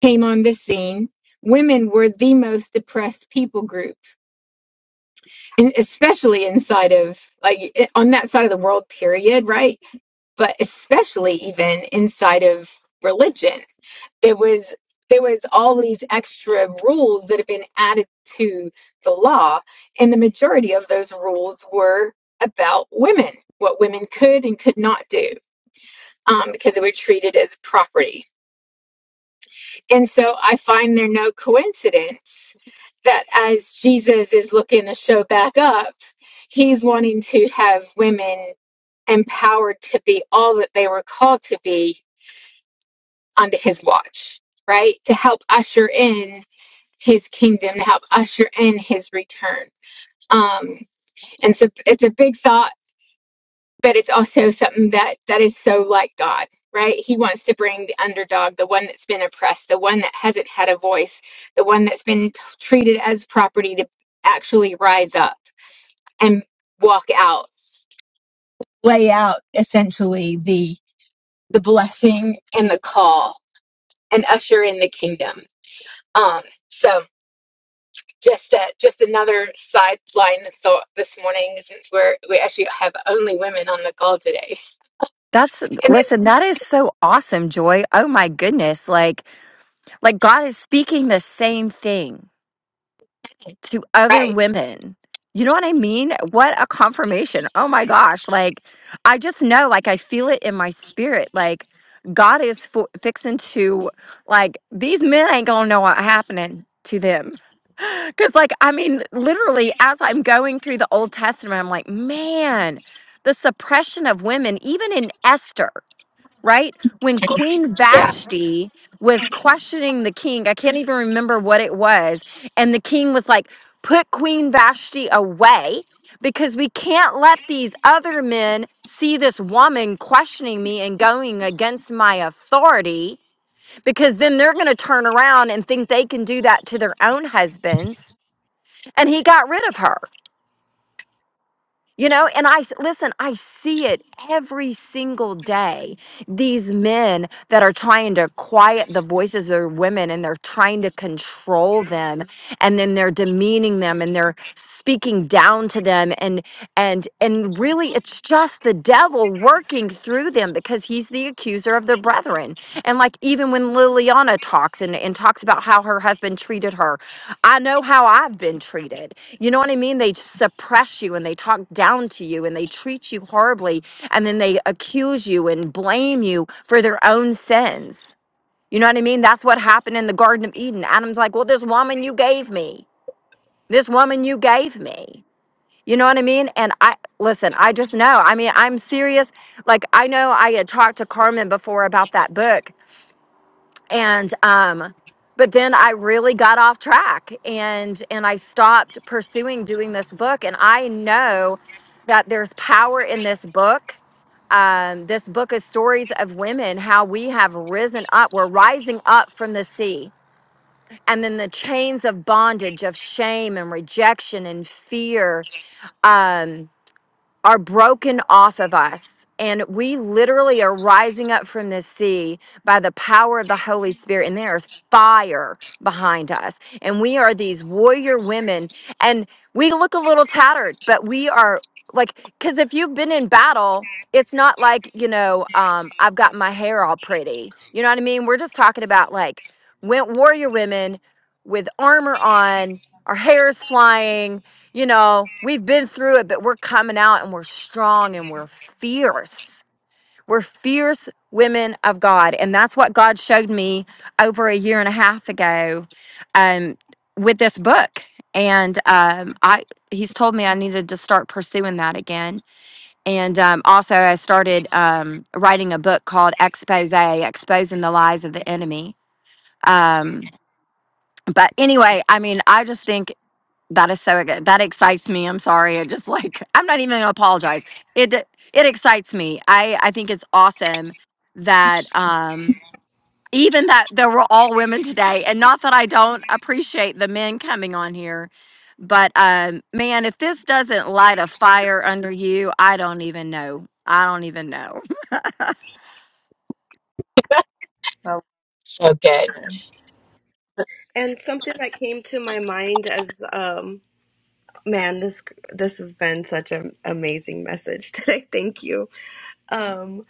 B: came on the scene, women were the most oppressed people group, and especially inside of like eh, on that side of the world, period, right? But especially even inside of religion it was there was all these extra rules that had been added to the law and the majority of those rules were about women what women could and could not do um, because they were treated as property and so i find there no coincidence that as jesus is looking to show back up he's wanting to have women empowered to be all that they were called to be under his watch right to help usher in his kingdom to help usher in his return. Um, and so it's a big thought, but it's also something that that is so like God, right? He wants to bring the underdog, the one that's been oppressed, the one that hasn't had a voice, the one that's been t- treated as property to actually rise up and walk out, lay out essentially the the blessing and the call and usher in the kingdom. Um, so just a, just another sideline thought this morning since we're we actually have only women on the call today
D: That's
B: and then
D: listen, that is so awesome, Joy. Oh my goodness. Like like God is speaking the same thing to other
B: right
D: women. You know what I mean? What a confirmation. Oh my gosh. Like I just know like I feel it in my spirit like God is fo- fixing to like these men ain't going to know what happening to them. Cuz like I mean literally as I'm going through the Old Testament I'm like, "Man, the suppression of women even in Esther right? When Queen
B: yeah
D: Vashti was questioning the king, I can't even remember what it was. And the king was like, put Queen Vashti away because we can't let these other men see this woman questioning me and going against my authority because then they're going to turn around and think they can do that to their own husbands. And he got rid of her. You know, and I s- listen, I see it every single day. These men that are trying to quiet the voices of their women and they're trying to control them and then they're demeaning them and they're speaking down to them and and and really it's just the devil working through them because he's the accuser of their brethren. And like even when Liliana talks and, and talks about how her husband treated her, I know how I've been treated. You know what I mean? They suppress you and they talk down to you and they treat you horribly and then they accuse you and blame you for their own sins. You know what I mean? That's what happened in the Garden of Eden. Adam's like, Well, this woman you gave me, this woman you gave me. You know what I mean? And I listen, I just know. I mean, I'm serious. Like I know I had talked to Carmen before about that book and um but then I really got off track and and I stopped pursuing doing this book and I know that there's power in this book. Um, this book is stories of women, how we have risen up. We're rising up from the sea. And then the chains of bondage, of shame and rejection and fear. Um, are broken off of us. And we literally are rising up from this sea by the power of the Holy Spirit. And there is fire behind us. And we are these warrior women. And we look a little tattered, but we are like, because if you've been in battle, it's not like, you know, um, I've got my hair all pretty. You know what I mean? We're just talking about like went warrior women with armor on, our hair is flying, you know, we've been through it, but we're coming out and we're strong and we're fierce. We're fierce women of God. And that's what God showed me over a year and a half ago um, with this book. And um, I, he's told me I needed to start pursuing that again. And um, also, I started um, writing a book called Expose, Exposing the Lies of the Enemy. Um, but anyway, I mean, I just think that is so good. That excites me. I'm sorry. It just like I'm not even gonna apologize. It d- it excites me. I I think it's awesome that um even that there were all women today, and not that I don't appreciate the men coming on here, but um man, if this doesn't light a fire under you, I don't even know. I don't even know.
E: Oh,
B: so good
A: And something that came to my mind as um man, this this has been such an amazing message today. Thank you. Um,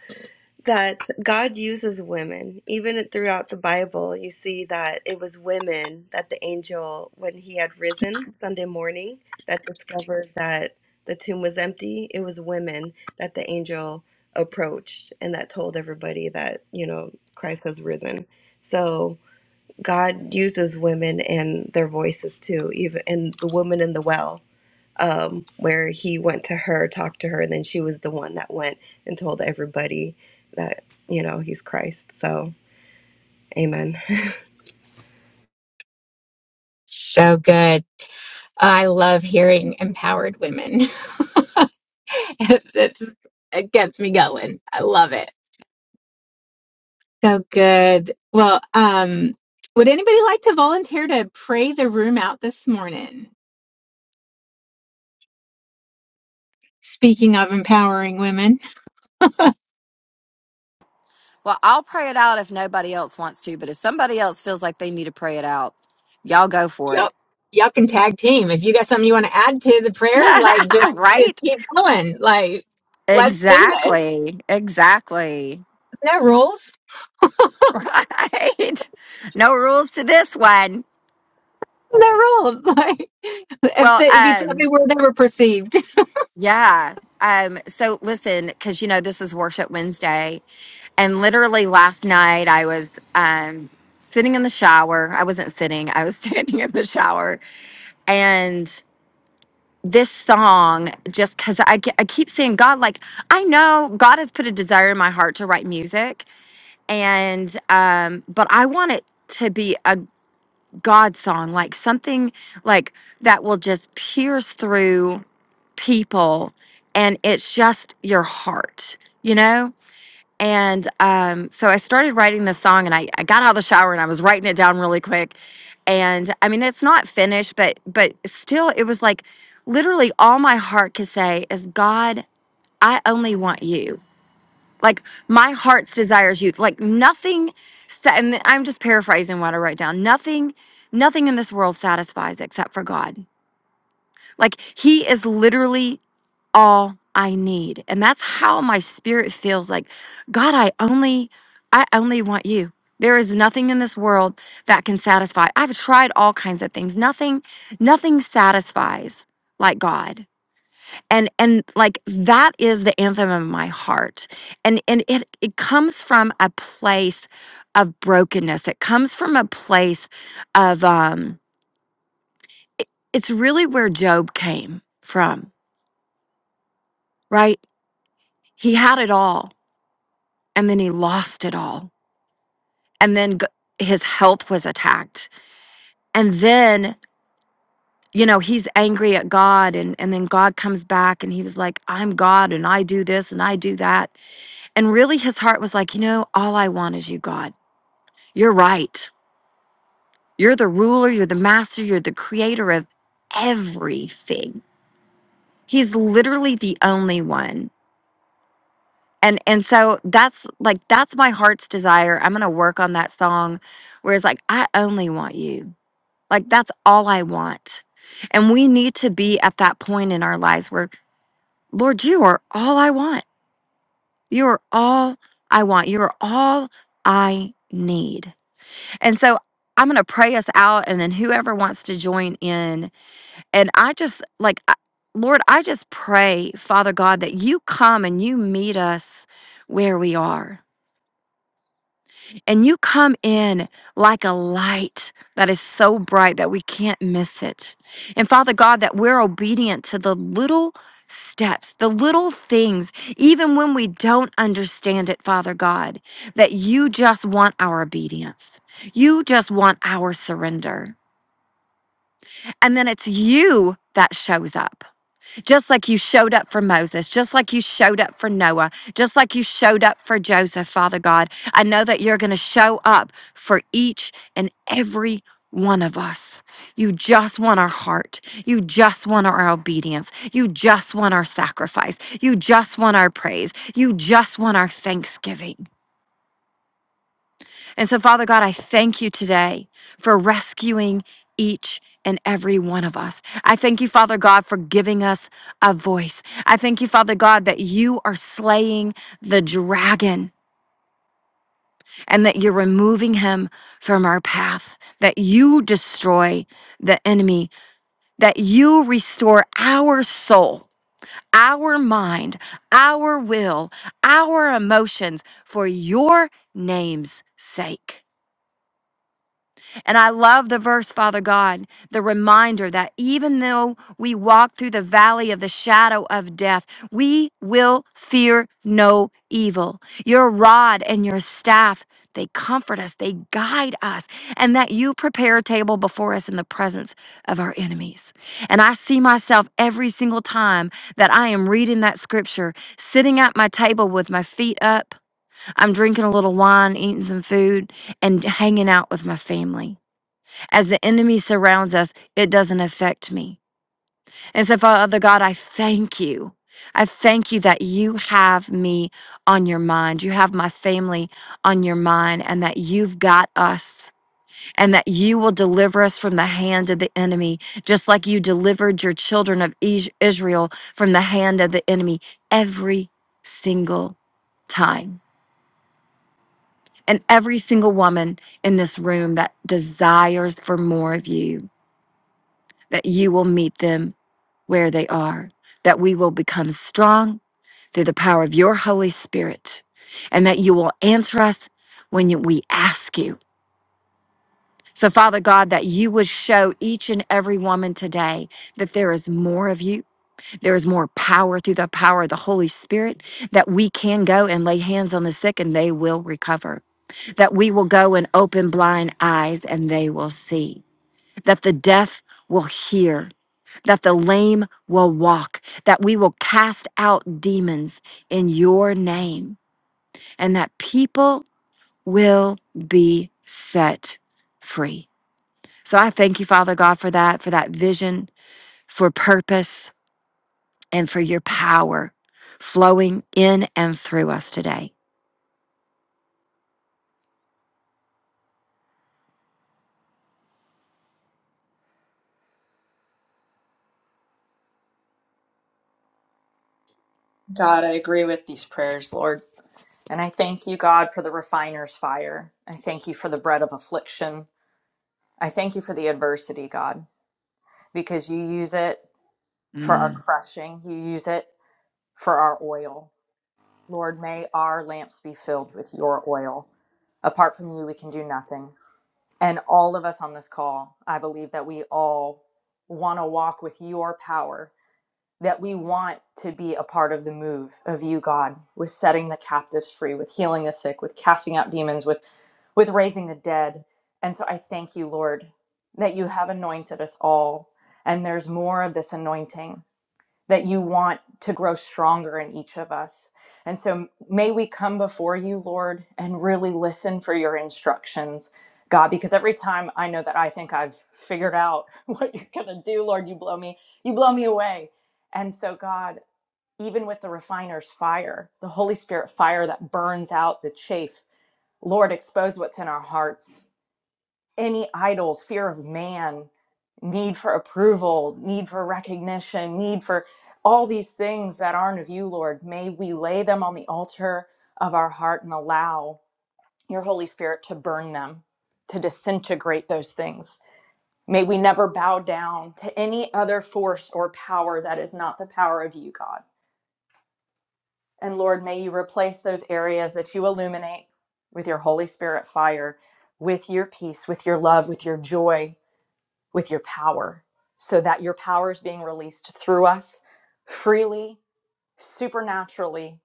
A: that God uses women. Even throughout the Bible, you see that it was women that the angel, when he had risen Sunday morning, that discovered that the tomb was empty. It was women that the angel approached and that told everybody that, you know, Christ has risen. So God uses women and their voices too, even and the woman in the well um, where he went to her, talked to her, and then she was the one that went and told everybody that, you know, he's Christ. So, amen.
B: so good i love hearing empowered women that's it gets me going i love it so good well um would anybody like to volunteer to pray the room out this morning speaking of empowering women
D: Well, I'll pray it out if nobody else wants to, but if somebody else feels like they need to pray it out, y'all go for it.
B: Yup. Y'all can tag team. If you got something you want to add to the prayer, like just
D: right?
B: just keep going. Like, let's do this.
D: Exactly. Exactly.
B: It's no rules.
D: Right. No rules to this one.
B: It's no rules. Like if
D: Well,
B: they, if you thought they
D: um,
B: were, they were perceived.
D: yeah. Um, so listen, because you know this is Worship Wednesday, and literally last night I was um sitting in the shower. I wasn't sitting, I was standing in the shower, and this song just because I, ke- I keep saying god like i know god has put a desire in my heart to write music and um but i want it to be a God song, like something like that will just pierce through people and it's just your heart, you know? And um, so I started writing this song and I, I got out of the shower and I was writing it down really quick. And I mean it's not finished, but but still it was like literally all my heart could say is God, I only want you. Like my heart's desires youth. Like nothing sa- and I'm just paraphrasing what I write down. Nothing nothing in this world satisfies except for God. Like he is literally all I need. And that's how my spirit feels like God, I only I only want you. There is nothing in this world that can satisfy. I've tried all kinds of things. Nothing nothing satisfies like God and and like that is the anthem of my heart and and it it comes from a place of brokenness it comes from a place of um it, it's really where job came from right he had it all and then he lost it all and then g- his health was attacked and then you know he's angry at god and and then god comes back and he was like i'm god and i do this and i do that and really his heart was like you know all i want is you god You're right. You're the ruler, you're the master, you're the creator of everything. He's literally the only one. And and so that's like that's my heart's desire. I'm going to work on that song whereas like I only want you. Like that's all I want. And we need to be at that point in our lives where Lord, you are all I want. You are all I want. You are all I need. And so I'm going to pray us out and then whoever wants to join in And I just like, I- Lord, I just pray, Father God, that you come and you meet us where we are. And you come in like a light that is so bright that we can't miss it. And Father God, that we're obedient to the little steps, the little things, even when we don't understand it, Father God, that you just want our obedience. You just want our surrender. And then it's you that shows up. just like you showed up for Moses, just like you showed up for Noah, just like you showed up for Joseph, Father God. I know that you're going to show up for each and every one of us. You just want our heart. You just want our obedience. You just want our sacrifice. You just want our praise. You just want our thanksgiving. And so, Father God, I thank you today for rescuing each and every one of us. I thank you, Father God, for giving us a voice. I thank you, Father God, that you are slaying the dragon and that you're removing him from our path, that you destroy the enemy, that you restore our soul. Our mind, our will, our emotions for your name's sake. And I love the verse, Father God, the reminder that even though we walk through the valley of the shadow of death, we will fear no evil. Your rod and your staff, they comfort us, they guide us, and that you prepare a table before us in the presence of our enemies. And I see myself every single time that I am reading that scripture, sitting at my table with my feet up. I'm drinking a little wine, eating some food, and hanging out with my family. As the enemy surrounds us, it doesn't affect me. And so, Father God, I thank you. I thank you that you have me on your mind. You have my family on your mind, and that you've got us, and that you will deliver us from the hand of the enemy, just like you delivered your children of Is- Israel from the hand of the enemy every single time. And every single woman in this room that desires for more of you, that you will meet them where they are, that we will become strong through the power of your Holy Spirit, and that you will answer us when you, we ask you. So, Father God, that you would show each and every woman today that there is more of you. There is more power through the power of the Holy Spirit, that we can go and lay hands on the sick and they will recover, that we will go and open blind eyes and they will see, that the deaf will hear, that the lame will walk, that we will cast out demons in your name, and that people will be set free. So I thank you, Father God, for that, for that vision, for purpose, and for your power flowing in and through us today.
E: God, I agree with these prayers, Lord. And I thank you, God, for the refiner's fire. I thank you for the bread of affliction. I thank you for the adversity, God, because you use it for our
D: Mm.
E: crushing, you use it for our oil. Lord, may our lamps be filled with your oil. Apart from you, we can do nothing. And all of us on this call, I believe that we all want to walk with your power that we want to be a part of the move of you, God, with setting the captives free, with healing the sick, with casting out demons, with with raising the dead. And so I thank you, Lord, that you have anointed us all. And there's more of this anointing that you want to grow stronger in each of us. And so may we come before you, Lord, and really listen for your instructions, God, because every time I know that I think I've figured out what you're going to do, Lord, you blow me, you blow me away. And so God, even with the refiner's fire, the Holy Spirit fire that burns out the chaff, Lord, expose what's in our hearts any idols, fear of man, need for approval, need for recognition, need for all these things that aren't of you, Lord. May we lay them on the altar of our heart and allow your Holy Spirit to burn them, to disintegrate those things. May we never bow down to any other force or power that is not the power of you, God. And Lord, may you replace those areas that you illuminate with your Holy Spirit fire, with your peace, with your love, with your joy, with your power so that your power is being released through us freely, supernaturally,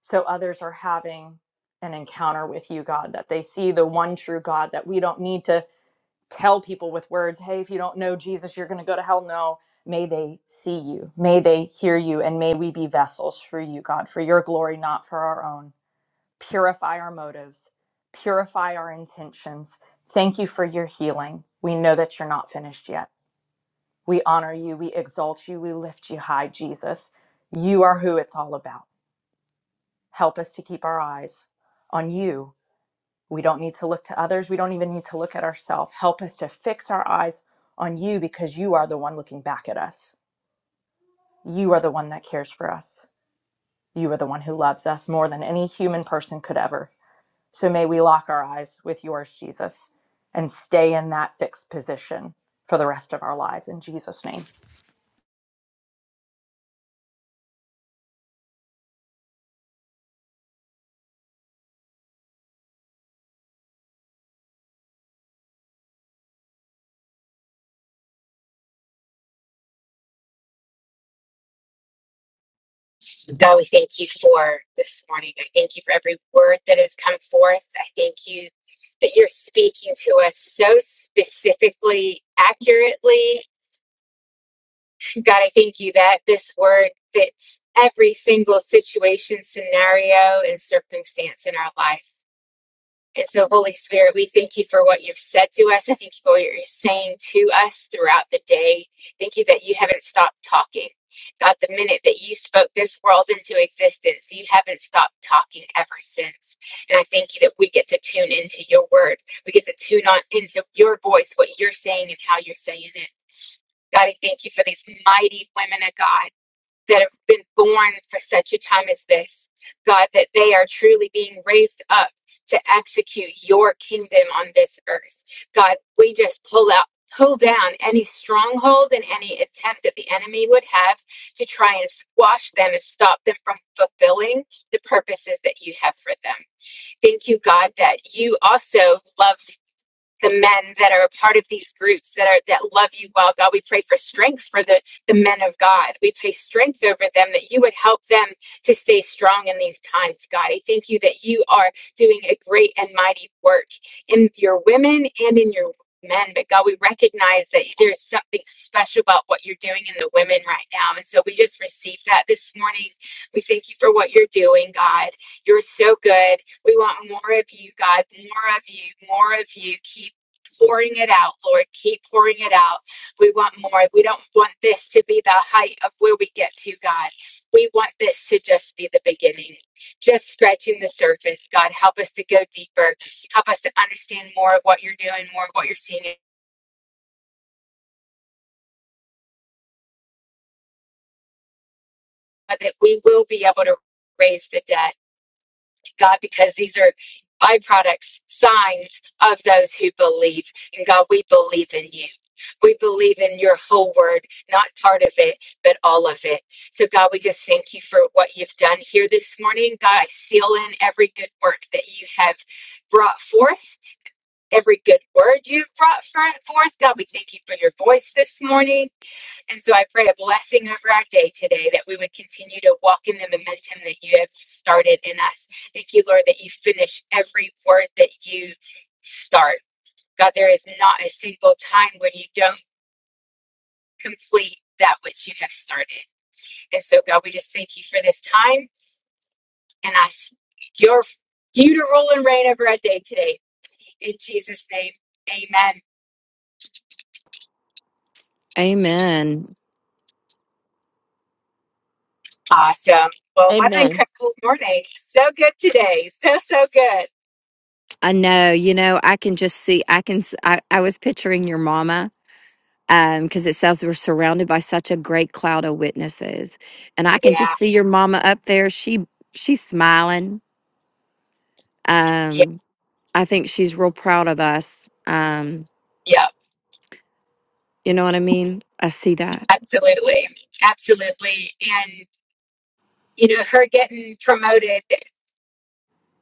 E: so others are having an encounter with you, God, that they see the one true God, that we don't need to tell people with words, hey, if you don't know Jesus, you're going to go to hell. No, may they see you, may they hear you, and may we be vessels for you, God, for your glory, not for our own. Purify our motives, purify our intentions. Thank you for your healing. We know that you're not finished yet. We honor you. We exalt you. We lift you high, Jesus. You are who it's all about. Help us to keep our eyes on you. We don't need to look to others. We don't even need to look at ourselves. Help us to fix our eyes on you because you are the one looking back at us. You are the one that cares for us. You are the one who loves us more than any human person could ever. So may we lock our eyes with yours, Jesus, and stay in that fixed position for the rest of our lives in Jesus' name.
B: God, we thank you for this morning. I thank you for every word that has come forth. I thank you that you're speaking to us so specifically, accurately. God, I thank you that this word fits every single situation, scenario, and circumstance in our life. And so, Holy Spirit, we thank you for what you've said to us. I thank you for what you're saying to us throughout the day. Thank you that you haven't stopped talking. God, the minute that you spoke this world into existence, you haven't stopped talking ever since. And I thank you that we get to tune into your word. We get to tune on into your voice, what you're saying and how you're saying it. God, I thank you for these mighty women of God that have been born for such a time as this. God, that they are truly being raised up to execute your kingdom on this earth. God, we just pull out. Pull down any stronghold and any attempt that the enemy would have to try and squash them and stop them from fulfilling the purposes that you have for them. Thank you, God, that you also love the men that are a part of these groups that are that love you well god we pray for strength for the the men of god we pray strength over them that you would help them to stay strong in these times god i thank you that you are doing a great and mighty work in your women and in your men but god we recognize that there's something special about what you're doing in the women right now and so we just received that this morning we thank you for what you're doing god you're so good we want more of you, God, more of you, more of you. Keep pouring it out, Lord. Keep pouring it out. We want more. We don't want this to be the height of where we get to, God. We want this to just be the beginning, just scratching the surface. God, help us to go deeper. Help us to understand more of what you're doing, more of what you're seeing, and that we will be able to raise the dead. God, because these are byproducts, signs of those who believe. And God, we believe in you. We believe in your whole word, not part of it, but all of it. So, God, we just thank you for what you've done here this morning. God, I seal in every good work that you have brought forth, every good word you've brought fro- forth. God, we thank you for your voice this morning. And so I pray a blessing over our day today that we would continue to walk in the momentum that you have started in us. Thank you, Lord, that you finish every word that you start. God, there is not a single time when you don't complete that which you have started. And so, God, we just thank you for this time and ask your you to rule and reign over our day today. In Jesus' name, amen.
D: Amen.
B: Awesome. Well, what an
C: Amen.
B: incredible morning. So good today. So, so good.
D: I know, you know, I can just see, I can, I. I was picturing your mama Um, because it says we're surrounded by such a great cloud of witnesses and i can
B: Yeah.
D: just see your mama up there she she's smiling
B: Yeah.
D: um i think she's real proud of us um
B: Yeah.
D: you know what i mean i see that
B: Absolutely. Absolutely. And, you know, her getting promoted,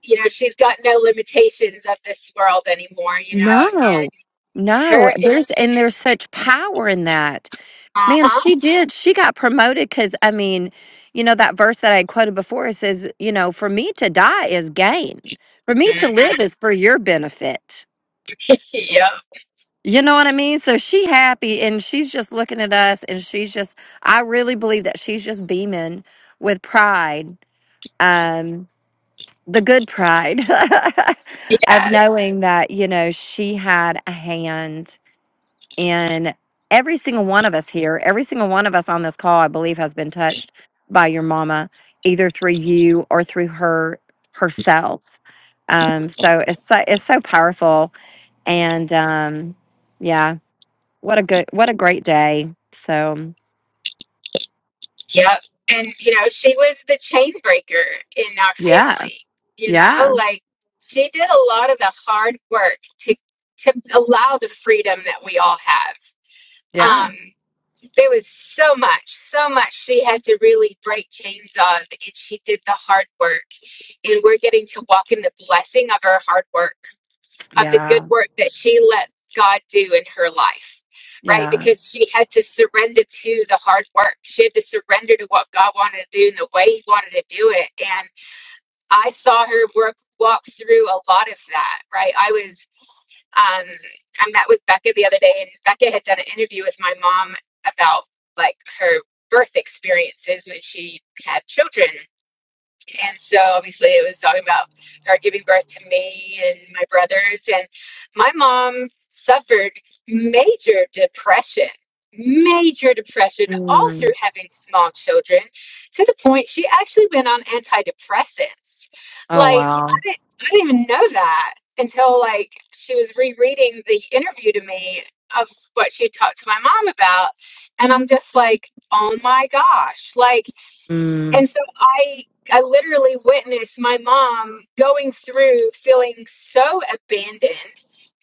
B: you know, she's got no limitations of this world anymore, you know, and
D: No, no,
B: her,
D: there's and there's such power in that.
B: uh
D: Man,
B: huh.
D: she did. She got promoted because I mean, you know, that verse that I quoted before it says, you know, for me to die is gain, for me to
B: hmm
D: live is for your benefit.
B: Yep.
D: You know what I mean? So she happy and she's just looking at us and she's just I really believe that she's just beaming with pride. Um the good pride of
B: Yes.
D: knowing that, you know, she had a hand in every single one of us here, every single one of us on this call, I believe, has been touched by your mama, either through you or through her herself. Um, so it's so it's so powerful. And um yeah. What a good, what a great day. So,
B: Yep. And, you know, she was the chain breaker in our
D: yeah,
B: family, you know,
D: yeah,
B: like she did a lot of the hard work to, to allow the freedom that we all have.
D: yeah,
B: Um. there was so much, so much she had to really break chains on, and she did the hard work. And we're getting to walk in the blessing of her hard work, of the good
D: yeah,
B: work that she let God do in her life, right?
D: yeah.
B: Because she had to surrender to the hard work. She had to surrender to what God wanted to do and the way He wanted to do it. And I saw her work walk through a lot of that, right? I was um, I met with Becca the other day, and Becca had done an interview with my mom about like her birth experiences when she had children and so obviously it was talking about her giving birth to me and my brothers. And my mom suffered major depression, major depression all through
D: Mm.
B: having small children to the point she actually went on antidepressants.
D: Oh,
B: Like, I
D: wow.
B: didn't, I didn't even know that until like she was rereading the interview to me of what she had talked to my mom about. And I'm just like, oh my gosh, like,
D: Mm.
B: and so I I literally witnessed my mom going through feeling so abandoned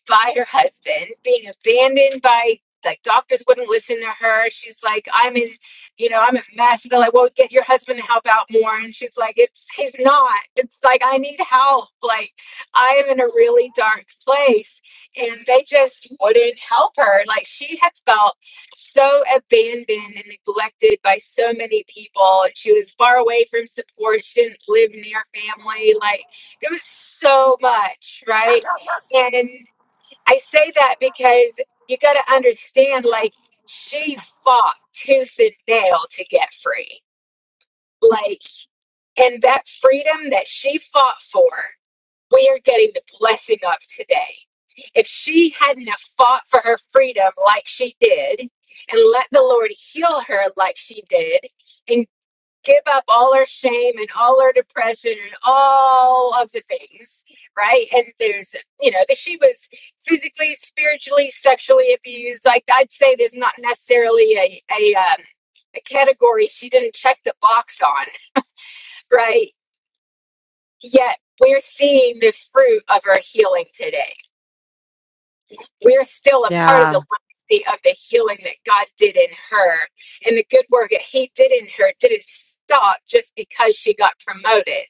B: by her husband, being abandoned by like doctors wouldn't listen to her. She's like, I'm in, you know, I'm a mess. They're like, well, get your husband to help out more. And she's like, it's he's not. It's like I need help. Like I am in a really dark place. And they just wouldn't help her. Like she had felt so abandoned and neglected by so many people and she was far away from support she didn't live near family like it was so much right and i say that because you got to understand like she fought tooth and nail to get free like and that freedom that she fought for we're getting the blessing of today. If she hadn't have fought for her freedom like she did, and let the Lord heal her like she did, and give up all her shame and all her depression and all of the things, right? And there's, you know, that she was physically, spiritually, sexually abused. Like I'd say, there's not necessarily a a um, a category she didn't check the box on, right? Yet we're seeing the fruit of her healing today we're still a part of
D: Yeah.
B: the legacy of the healing that God did in her. And the good work that He did in her didn't stop just because she got promoted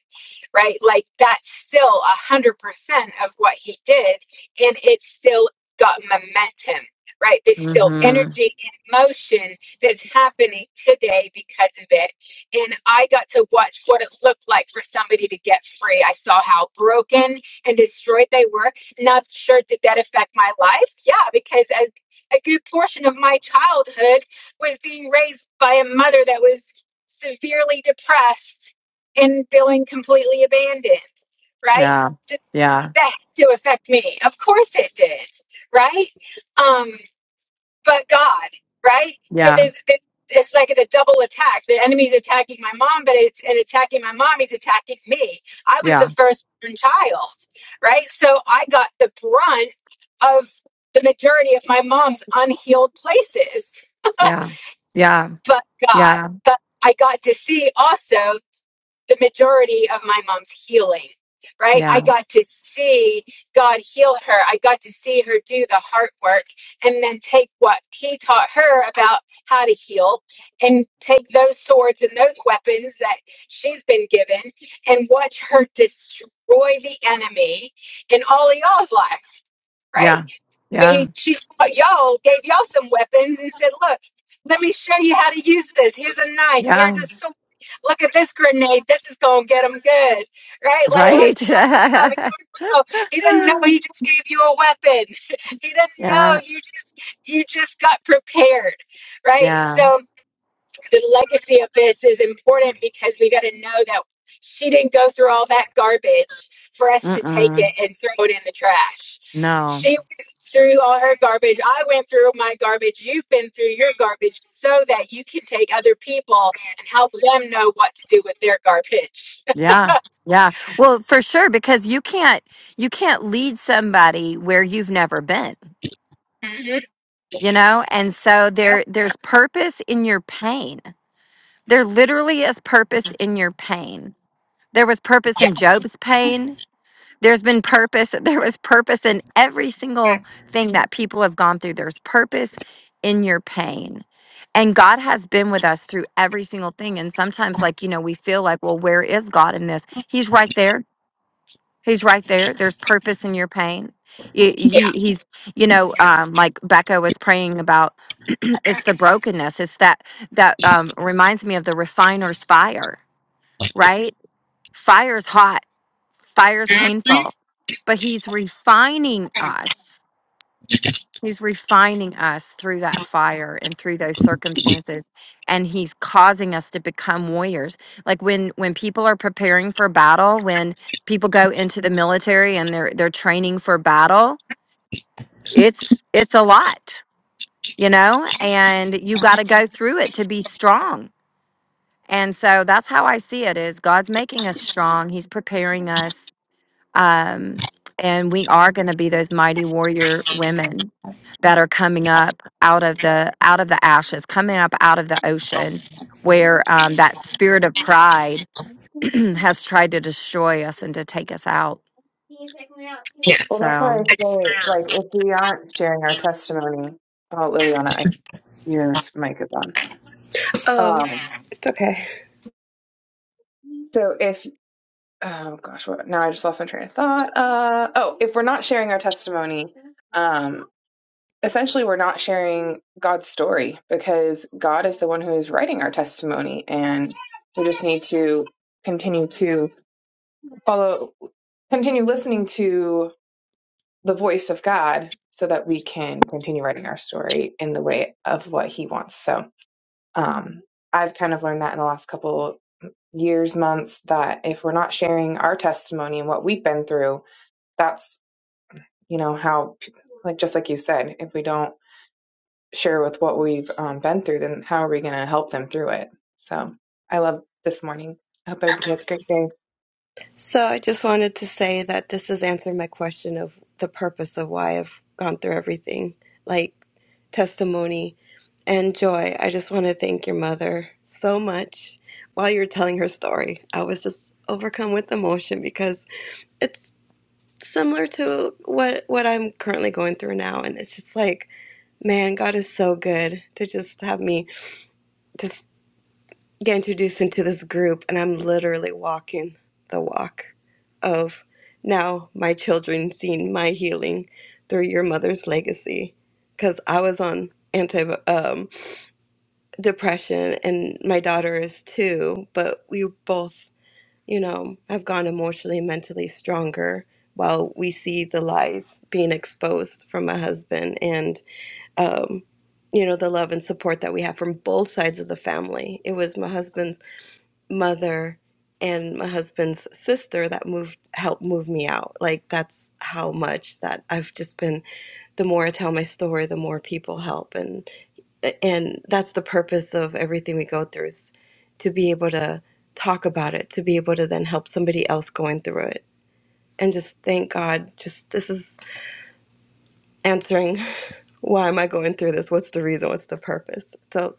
B: right? Like that's still a hundred percent of what he did, and it still got momentum, right? There's still
D: Mm-hmm.
B: energy and motion that's happening today because of it. And I got to watch what it looked like for somebody to get free. I saw how broken and destroyed they were. Not sure did that affect my life? Yeah, because as a good portion of my childhood was being raised by a mother that was severely depressed and feeling completely abandoned, right?
D: Yeah.
B: Did
D: Yeah.
B: that to affect me? Of course it did, right? Um, but God, right? So
D: Yeah.
B: there's, there's it's like a double attack. The enemy's attacking my mom, but it's and attacking my mom, he's attacking me. I was the
D: Yeah.
B: firstborn child, right? So I got the brunt of the majority of my mom's unhealed places.
D: Yeah. Yeah.
B: But God,
D: Yeah.
B: but I got to see also the majority of my mom's healing, right? I
D: Yeah.
B: got to see God heal her. I got to see her do the heart work and then take what he taught her about how to heal and take those swords and those weapons that she's been given and watch her destroy the enemy in all of y'all's life, right?
D: Yeah. Yeah.
B: they she y'all gave y'all some weapons and said, "Look, let me show you how to use this. Here's a knife. Here's
D: Yeah.
B: a sword. Look at this grenade. This is gonna get them good, right? Like let's
D: Right.
B: bluff it up."
D: yeah.
B: So he didn't know he just gave you a weapon. he didn't know you just you just got prepared, right?
D: Yeah.
B: So the legacy of this is important because we got to know that she didn't go through all that garbage for us to take it
D: Mm-mm.
B: and throw it in the trash.
D: No.
B: She threw all her garbage. I went through my garbage. You've been through your garbage so that you can take other people and help them know what to do with their garbage.
D: Yeah. Yeah. Well, for sure, because you can't, you can't lead somebody where you've never been
B: hmm
D: you know and so
B: Yeah.
D: there there's purpose in your pain there literally is purpose in your pain there was purpose
B: Yeah.
D: in job's pain there's been purpose there was purpose in every single thing that people have gone through there's purpose in your pain and god has been with us through every single thing and sometimes like you know we feel like well where is god in this he's right there He's right there. There's purpose in your pain. Y-
B: Yeah.
D: He, he's, you know, um, like Becca was praying about. it's the brokenness. It's that that um, reminds me of the refiner's fire. Right? Fire's hot. Fire's
B: Mhm.
D: painful, but he's refining us. He's refining us through that fire and through those circumstances and he's causing us to become warriors. Like when when people are preparing for battle, when people go into the military and they're they're training for battle, it's it's a lot, you know? And you got to go through it to be strong. And so that's how I see it is God's making us strong. He's preparing us um, and we are going to be those mighty warrior women that are coming up out of the out of the ashes, coming up out of the ocean, where um, that spirit of pride has tried to destroy us and to take us out.
B: Yeah.
F: Well, that's why I
D: So
B: I
F: say, like, if we aren't sharing our testimony, oh, Liliana, I, your s- mic is on.
A: oh,
F: Um,
A: it's okay.
F: so if, oh gosh, what, now I just lost my train of thought. Uh, oh, if we're not sharing our testimony, um, essentially we're not sharing God's story because God is the one who is writing our testimony, and we just need to continue to follow, continue listening to the voice of God so that we can continue writing our story in the way of what he wants. So um, I've kind of learned that in the last couple years, months, that if we're not sharing our testimony and what we've been through, that's, you know, how, like, just like you said, if we don't share with what we've um, been through, then how are we going to help them through it? So I love this morning. I hope everybody has a great day.
A: So, I just wanted to say that this has answered my question of the purpose of why I've gone through everything like testimony and joy. I just want to thank your mother so much while you were telling her story. I was just overcome with emotion because. it's. similar to what what I'm currently going through now and it's just like man God is so good to just have me just get introduced into this group and I'm literally walking the walk of now my children seeing my healing through your mother's legacy cuz I was on anti um depression and my daughter is too but we both you know, i have gone emotionally mentally stronger while we see the lies being exposed from my husband and, um, you know, the love and support that we have from both sides of the family. It was my husband's mother and my husband's sister that moved, helped move me out. Like, that's how much that I've just been, the more I tell my story, the more people help. and and that's the purpose of everything we go through is to be able to talk about it to be able to then help somebody else going through it and just thank god just this is answering why am i going through this what's the reason what's the purpose so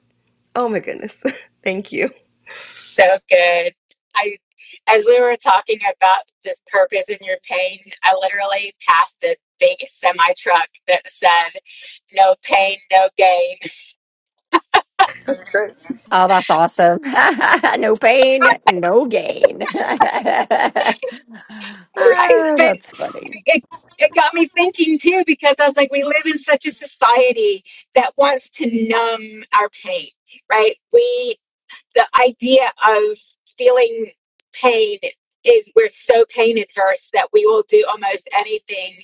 A: oh my goodness thank you
B: So good. I, as we were talking about this purpose in your pain, I literally passed a big semi truck that said, no pain, no gain.
A: Great.
D: Oh, that's awesome. no pain, no gain.
B: Right.
D: Ah,
B: But
D: that's funny.
B: it, it got me thinking too, because I was like, we live in such a society that wants to numb our pain, right? We. the idea of feeling pain is we're so pain adverse that we will do almost anything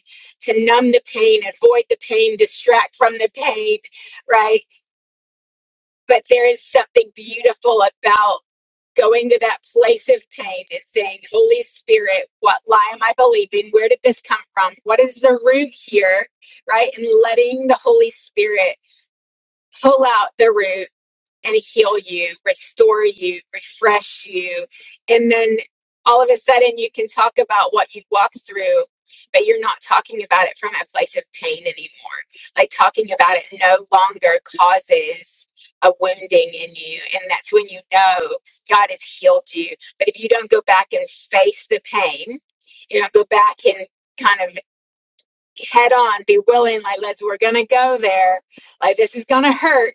B: to numb the pain, avoid the pain, distract from the pain, right? But there is something beautiful about going to that place of pain and saying, Holy Spirit, what lie am I believing? Where did this come from? What is the root here, right? And letting the Holy Spirit pull out the root and heal you, restore you, refresh you. And then all of a sudden, you can talk about what you've walked through, but you're not talking about it from a place of pain anymore. Like talking about it no longer causes a wounding in you. And that's when you know God has healed you. But if you don't go back and face the pain, you know, go back and kind of head on, be willing, like, let's, we're going to go there. Like, this is going to hurt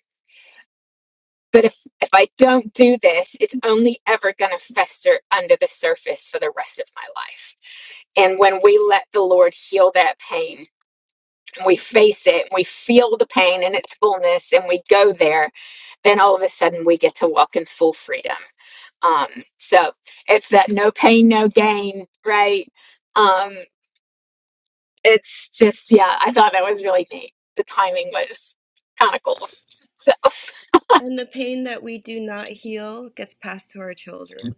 B: but if if I don't do this, it's only ever going to fester under the surface for the rest of my life. And when we let the Lord heal that pain, and we face it, and we feel the pain in its fullness, and we go there, then all of a sudden we get to walk in full freedom. Um, so it's that no pain, no gain, right? Um, it's just, yeah, I thought that was really neat. The timing was kind of cool. So,
A: and the pain that we do not heal gets passed to our children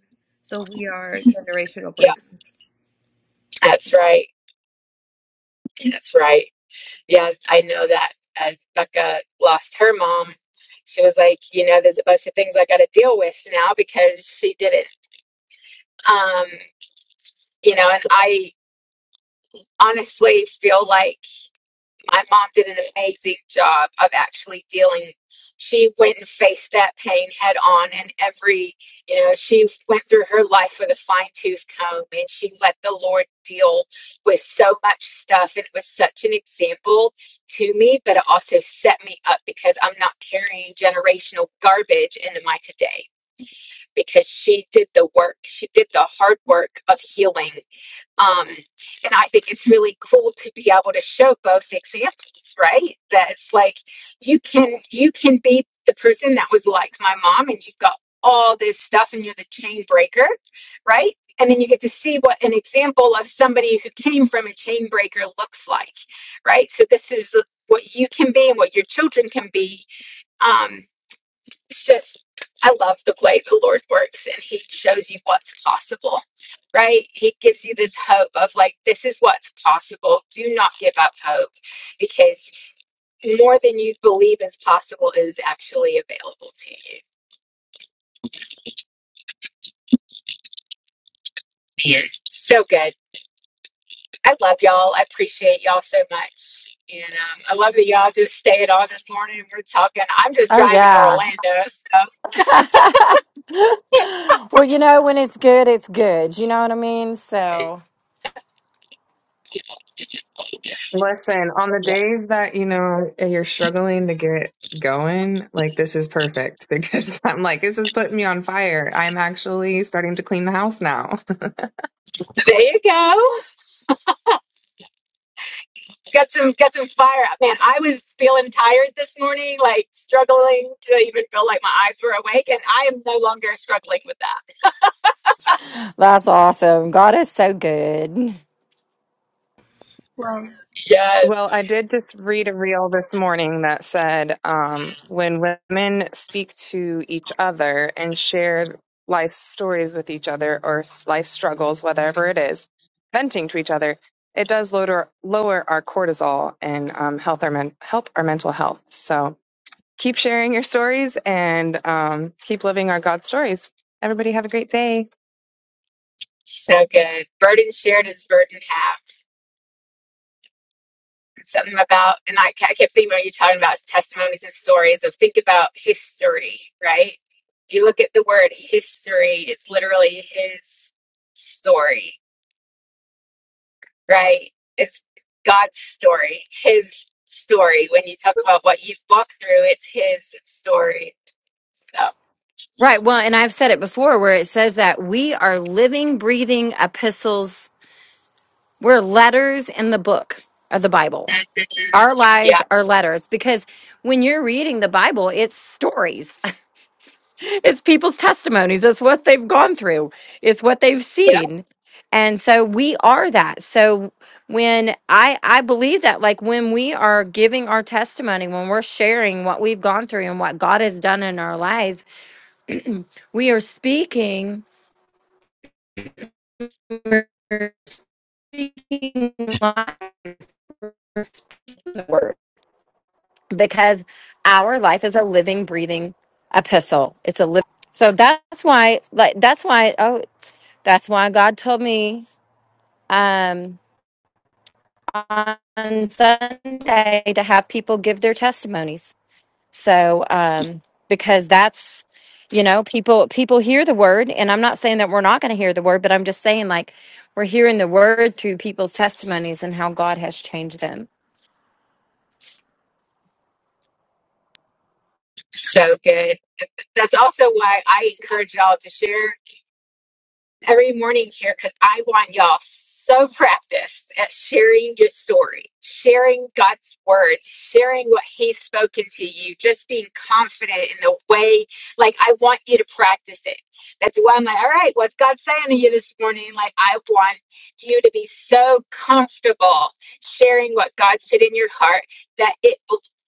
A: so we are generational
B: yeah,
A: breakers
B: that's right. That's right. Yeah, I know that as Becca lost her mom, she was like, you know, there's a bunch of things I got to deal with now because she did not Um, you know, and I honestly feel like. my mom did an amazing job of actually dealing. She went and faced that pain head on, and every, you know, she went through her life with a fine tooth comb and she let the Lord deal with so much stuff. And it was such an example to me, but it also set me up because I'm not carrying generational garbage into my today because she did the work. She did the hard work of healing um, and I think it's really cool to be able to show both examples, right? That it's like you can you can be the person that was like my mom and you've got all this stuff and you're the chain breaker, right? And then you get to see what an example of somebody who came from a chain breaker looks like, right? So this is what you can be and what your children can be. Um, it's just I love the way the Lord works and he shows you what's possible. Right? He gives you this hope of like this is what's possible. Do not give up hope because more than you believe is possible is actually available to you. Yeah. So good. I love y'all. I appreciate y'all so much. And um, I love that y'all just stayed on this morning and we're talking. I'm just
D: Oh,
B: driving to
D: yeah.
B: Orlando. So
D: well, you know, when it's good, it's good. You know what I mean? So.
F: Listen, on the days that, you know, you're struggling to get going, like this is perfect because I'm like, this is putting me on fire. I'm actually starting to clean the house now.
B: there you go. got some got some fire up man i was feeling tired this morning like struggling to even feel like my eyes were awake and i am no longer struggling with that
D: That's awesome. God is so good.
A: well
F: Well,
B: yes
F: I did just read a reel this morning that said um, when women speak to each other and share life stories with each other or s- life struggles, whatever it is, venting to each other, it does lower, lower our cortisol and um, health our men, help our mental health. So, keep sharing your stories and um, keep living our God stories. Everybody have a great day.
B: so good burden shared is burden halved something about and i, I kept thinking about you talking about testimonies and stories of think about history right if you look at the word history it's literally his story right? It's God's story, His story. When you talk about what you've walked through, it's His story. So,
D: Right. Well, and I've said it before where it says that we are living, breathing epistles. We're letters in the book of the Bible. Our lives
B: yeah,
D: are letters because when you're reading the Bible, it's stories, it's people's testimonies, it's what they've gone through, it's what they've
B: yeah,
D: seen. And so we are that. So when I I believe that like when we are giving our testimony, when we're sharing what we've gone through and what God has done in our lives, We are speaking, we're speaking life through the word because our life is a living, breathing epistle. It's a living. So that's why, like, that's why, oh, that's why God told me um, on Sunday to have people give their testimonies So, um, because that's, you know, people people hear the word, and I'm not saying that we're not going to hear the word, but I'm just saying like we're hearing the word through people's testimonies and how God has changed them.
B: so good. That's also why I encourage y'all to share. every morning here because I want y'all so practiced at sharing your story, sharing God's word, sharing what He's spoken to you, just being confident in the way. Like, I want you to practice it. That's why I'm like, all right, what's God saying to you this morning? Like, I want you to be so comfortable sharing what God's put in your heart that it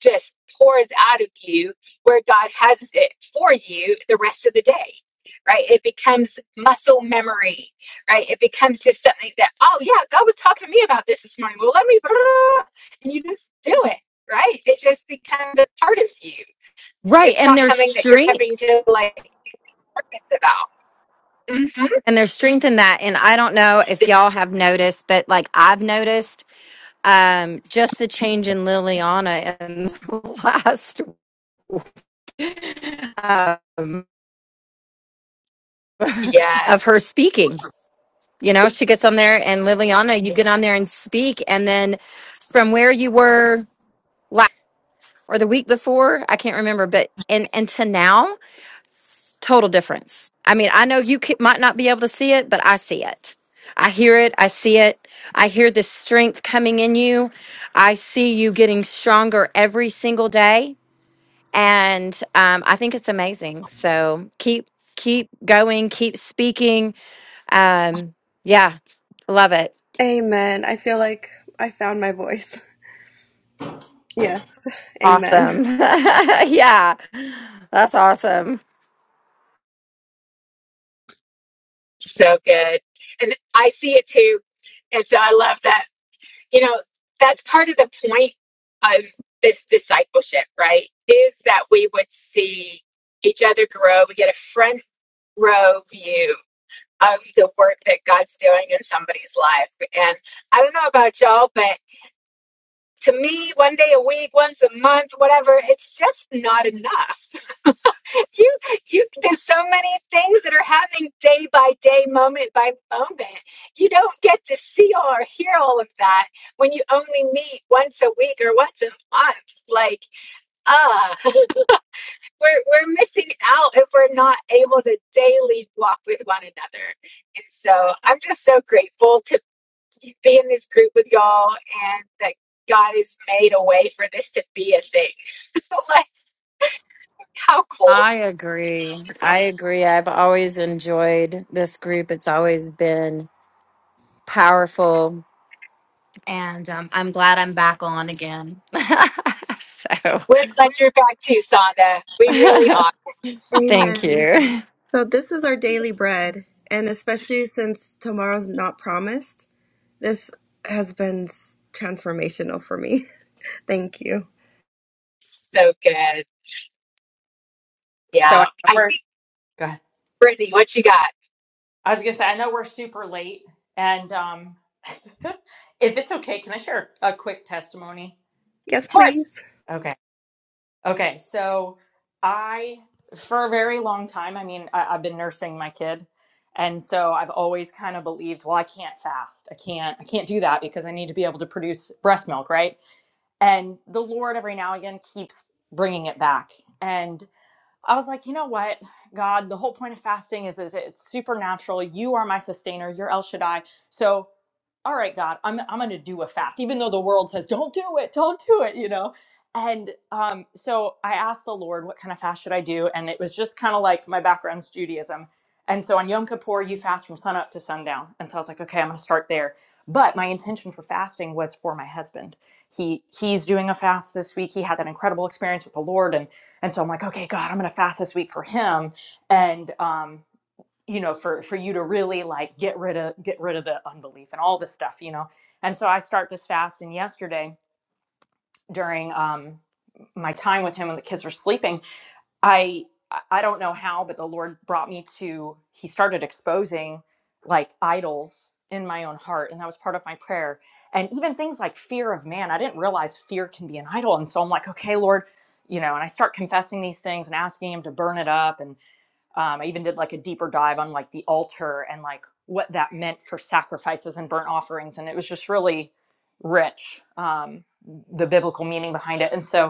B: just pours out of you where God has it for you the rest of the day right? It becomes muscle memory, right? It becomes just something that, oh, yeah, God was talking to me about this this morning. Well, let me, and you just do it, right? It just becomes a part of you.
D: Right,
B: It's
D: and
B: not
D: there's
B: something that you're having
D: strength,
B: to like purpose about. hmm
D: and there's strength in that. And I don't know if
B: This,
D: y'all have noticed, but like I've noticed um just the change in Liliana in the last um, of her
B: yes,
D: speaking You know, she gets on there, and Liliana, you get on there and speak, and then from where you were last or the week before, I can't remember, but and and to now, total difference. I mean, I know you ca- might not be able to see it, but I see it. I hear it. I see it. I hear the strength coming in you. I see you getting stronger every single day, and um, I think it's amazing. So keep keep going, keep speaking. Um, yeah, love it.
A: amen i feel like i found my voice yes amen
D: Awesome. yeah, that's awesome.
B: so good. And I see it too. And so I love that you know that's part of the point of this discipleship right is that we would see each other grow we get a front row view of the work that god's doing in somebody's life and i don't know about y'all but to me one day a week once a month whatever it's just not enough you you there's so many things that are happening day by day moment by moment you don't get to see all or hear all of that when you only meet once a week or once a month like ah we're we're missing out if we're not able to daily walk with one another and so i'm just so grateful to be in this group with y'all and that god has made a way for this to be a thing like how cool
D: I agree. I agree. I've always enjoyed this group, it's always been powerful. And um, I'm glad I'm back on again. so
B: We're glad you're back too, Sonda. We really are.
D: thank
A: amen
D: you.
A: So this is our daily bread, and especially since tomorrow's not promised, this has been s- transformational for me. Thank you.
B: So good.
E: So
B: Yeah.
E: I know
B: I
E: we're
B: think,
E: good.
B: Brittany, what you got?
E: I was gonna say, I know we're super late, and um, if it's okay, can I share a quick testimony?
A: Yes,
B: Of course.
A: please.
E: Okay. Okay. So I, for a very long time, I mean, I, I've been nursing my kid, and so I've always kind of believed, well, I can't fast. I can't. I can't do that because I need to be able to produce breast milk, right? And the Lord, every now and again, keeps bringing it back, and I was like, you know what, God, the whole point of fasting is, is it's supernatural. You are my sustainer. You're El Shaddai. So all right, God, I'm I'm gonna do a fast, even though the world says, Don't do it, don't do it, you know. And um, so I asked the Lord, what kind of fast should I do? And it was just kind of like my background's Judaism. And so on Yom Kippur, you fast from sunup to sundown. And so I was like, okay, I'm gonna start there. But my intention for fasting was for my husband. He he's doing a fast this week. He had that incredible experience with the Lord, and and so I'm like, okay, God, I'm gonna fast this week for him. And um, you know for for you to really like get rid of get rid of the unbelief and all this stuff you know and so i start this fast and yesterday during um my time with him when the kids were sleeping i i don't know how but the lord brought me to he started exposing like idols in my own heart and that was part of my prayer and even things like fear of man i didn't realize fear can be an idol and so i'm like okay lord you know and i start confessing these things and asking him to burn it up and um, I even did like a deeper dive on like the altar and like what that meant for sacrifices and burnt offerings, and it was just really rich um, the biblical meaning behind it. And so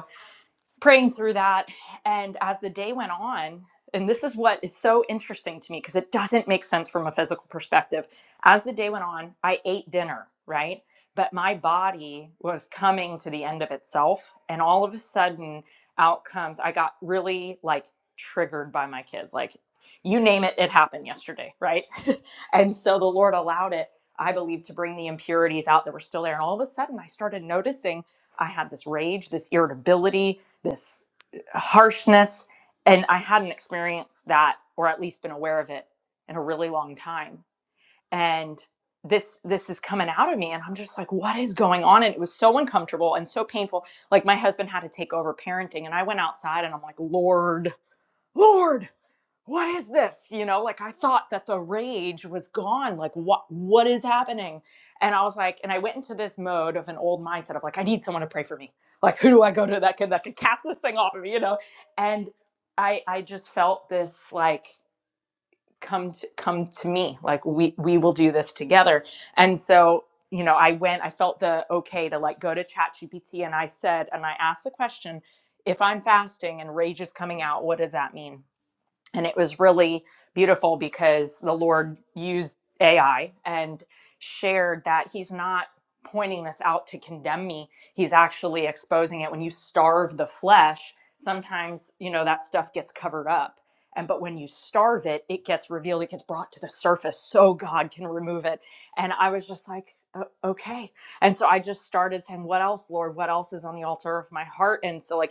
E: praying through that. And as the day went on, and this is what is so interesting to me because it doesn't make sense from a physical perspective. As the day went on, I ate dinner, right? But my body was coming to the end of itself. And all of a sudden, out comes, I got really like triggered by my kids. Like, you name it, it happened yesterday, right? and so the Lord allowed it, I believe, to bring the impurities out that were still there. And all of a sudden, I started noticing I had this rage, this irritability, this uh, harshness and i hadn't experienced that or at least been aware of it in a really long time and this this is coming out of me and i'm just like what is going on and it was so uncomfortable and so painful like my husband had to take over parenting and i went outside and i'm like lord lord what is this you know like i thought that the rage was gone like what what is happening and i was like and i went into this mode of an old mindset of like i need someone to pray for me like who do i go to that can that can cast this thing off of me you know and i i just felt this like come to come to me like we we will do this together and so you know i went i felt the okay to like go to chat gpt and i said and i asked the question if i'm fasting and rage is coming out what does that mean and it was really beautiful because the lord used ai and shared that he's not pointing this out to condemn me he's actually exposing it when you starve the flesh sometimes you know that stuff gets covered up and but when you starve it it gets revealed it gets brought to the surface so god can remove it and i was just like "O- okay and so i just started saying what else lord what else is on the altar of my heart and so like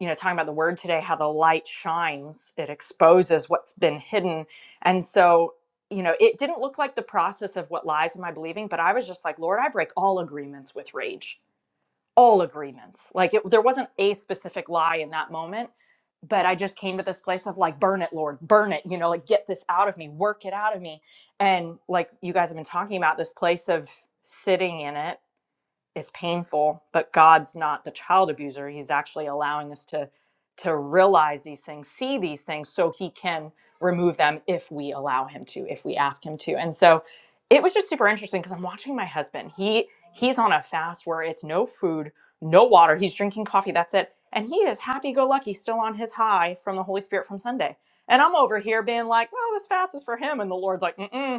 E: you know talking about the word today how the light shines it exposes what's been hidden and so you know it didn't look like the process of what lies am i believing but i was just like lord i break all agreements with rage all agreements like it, there wasn't a specific lie in that moment but i just came to this place of like burn it lord burn it you know like get this out of me work it out of me and like you guys have been talking about this place of sitting in it is painful but god's not the child abuser he's actually allowing us to to realize these things see these things so he can remove them if we allow him to if we ask him to and so it was just super interesting because i'm watching my husband he he's on a fast where it's no food no water he's drinking coffee that's it and he is happy go lucky still on his high from the holy spirit from sunday and i'm over here being like well this fast is for him and the lord's like Mm-mm,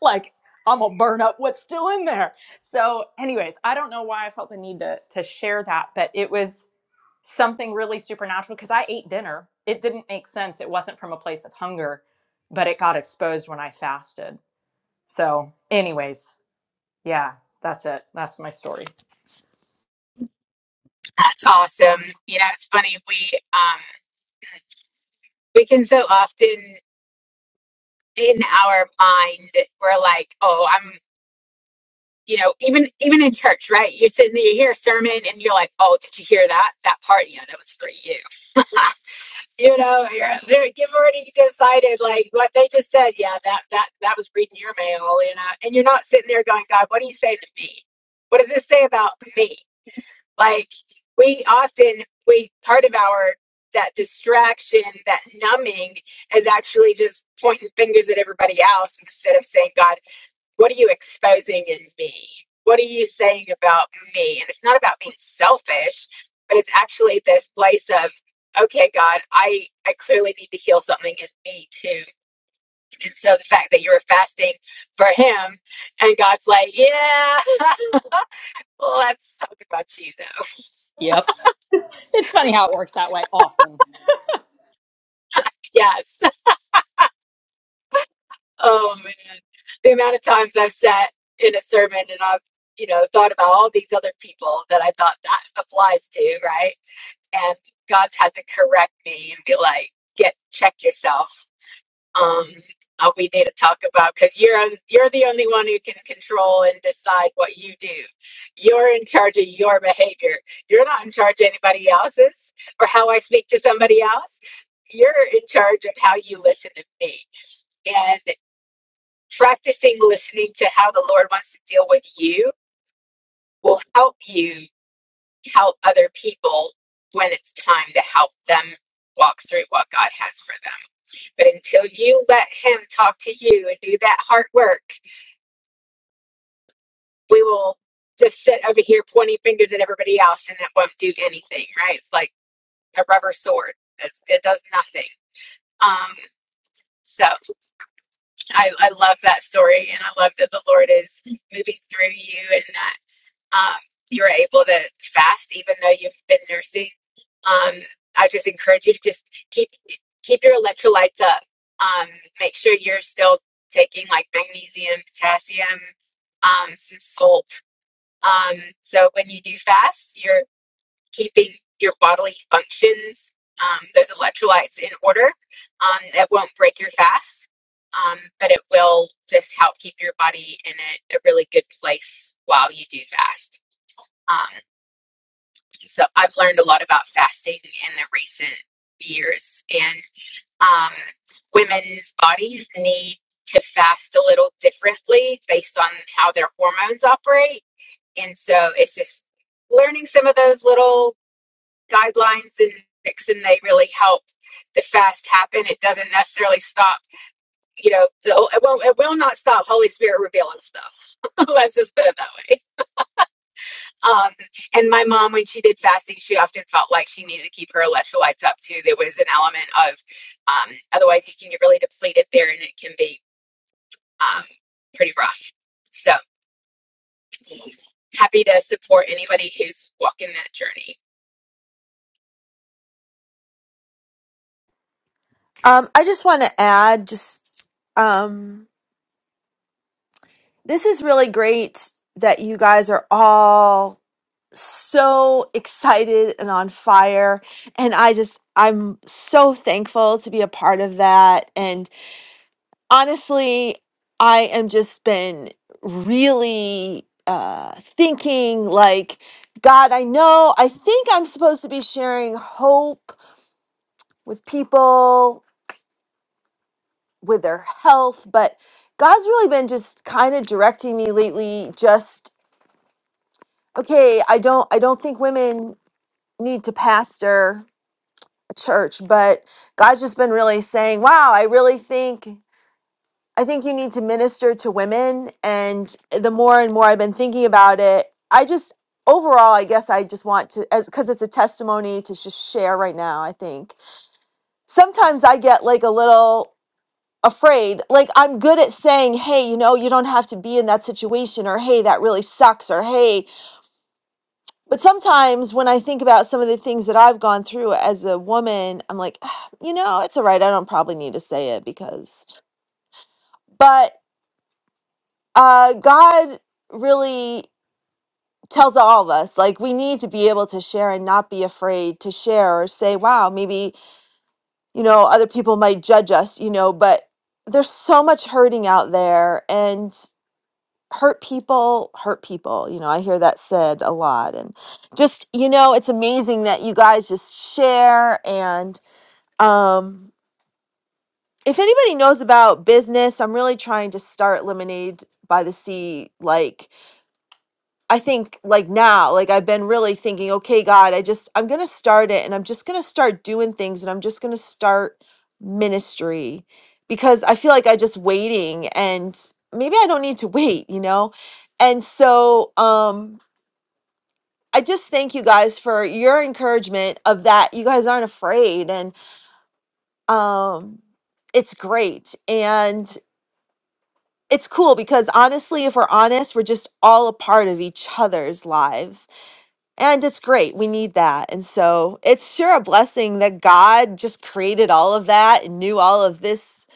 E: like I'm gonna burn up what's still in there. So, anyways, I don't know why I felt the need to to share that, but it was something really supernatural because I ate dinner. It didn't make sense. It wasn't from a place of hunger, but it got exposed when I fasted. So, anyways, yeah, that's it. That's my story.
B: That's awesome. You know, it's funny. We, um, we can so often in our mind, we're like, oh, I'm, you know, even, even in church, right? You're sitting there, you hear a sermon and you're like, oh, did you hear that? That part? Yeah, that was for you. you know, you're, they're, you've already decided, like what they just said. Yeah, that that that was reading your mail, you know. And you're not sitting there going, God, what are you saying to me? What does this say about me? Like we often we part of our that distraction, that numbing, is actually just pointing fingers at everybody else instead of saying, God, what are you exposing in me? What are you saying about me? And it's not about being selfish, but it's actually this place of, okay, God, I, I clearly need to heal something in me too. And so the fact that you were fasting for him and God's like, yeah, let's talk about you though.
E: Yep. It's funny how it works that way often.
B: Yes. Oh man. The amount of times I've sat in a sermon and I've you know, thought about all these other people that I thought that applies to, right? and God's had to correct me and be like, "Get check yourself." Um, uh, we need to talk about because you're you're the only one who can control and decide what you do. You're in charge of your behavior. You're not in charge of anybody else's or how I speak to somebody else. You're in charge of how you listen to me and practicing listening to how the Lord wants to deal with you will help you help other people when it's time to help them walk through what God has for them. But until you let Him talk to you and do that hard work, we will just sit over here pointing fingers at everybody else and it won't do anything, right? It's like a rubber sword, it's, it does nothing. Um, so I, I love that story and I love that the Lord is moving through you and that. um, you were able to fast even though you've been nursing. Um, I just encourage you to just keep keep your electrolytes up. Um, make sure you're still taking like magnesium, potassium, um, some salt. Um, so when you do fast, you're keeping your bodily functions, um, those electrolytes in order. Um, it won't break your fast, um, but it will just help keep your body in a, a really good place while you do fast. Um, so I've learned a lot about fasting in the recent years, and um, women's bodies need to fast a little differently based on how their hormones operate. And so it's just learning some of those little guidelines and tricks, and they really help the fast happen. It doesn't necessarily stop, you know, the, it, will, not it will not stop Holy Spirit revealing stuff. Let's just put it that way. Um, and my mom, when she did fasting, she often felt like she needed to keep her electrolytes up too. There was an element of, um, otherwise you can get really depleted there and it can be, um, pretty rough. So happy to support anybody who's walking that journey.
C: Um, I just want to add, just um, this is really great that you guys are all so excited and on fire, and I just I'm so thankful to be a part of that, and. honestly, I am just been really uh, thinking like, God, I know, I think I'm supposed to be sharing hope with people, with their health, but God's really been just kind of directing me lately. Just okay, I don't, I don't think women need to pastor a church, but God's just been really saying, wow, I really think. I think you need to minister to women. And the more and more I've been thinking about it, I just overall, I guess I just want to, as because it's a testimony to just share right now. I think sometimes I get like a little afraid. Like I'm good at saying, hey, you know, you don't have to be in that situation, or hey, that really sucks, or hey. But sometimes when I think about some of the things that I've gone through as a woman, I'm like, "Ah, you know, it's all right. I don't probably need to say it because, but uh, God really tells all of us like we need to be able to share and not be afraid to share or say, wow, maybe, you know, other people might judge us, you know, but there's so much hurting out there and hurt people hurt people you know i hear that said a lot and just you know it's amazing that you guys just share and um if anybody knows about business i'm really trying to start lemonade by the sea like I think like now, like I've been really thinking, okay, God, I just, I'm going to start it and I'm just going to start doing things and I'm just going to start ministry because I feel like I just waiting and maybe I don't need to wait, you know? And so, um, I just thank you guys for your encouragement of that. You guys aren't afraid and, um, it's great. And it's cool because honestly, if we're honest, we're just all a part of each other's lives And it's great. We need that. And so it's sure a blessing that God just created all of that and knew all of this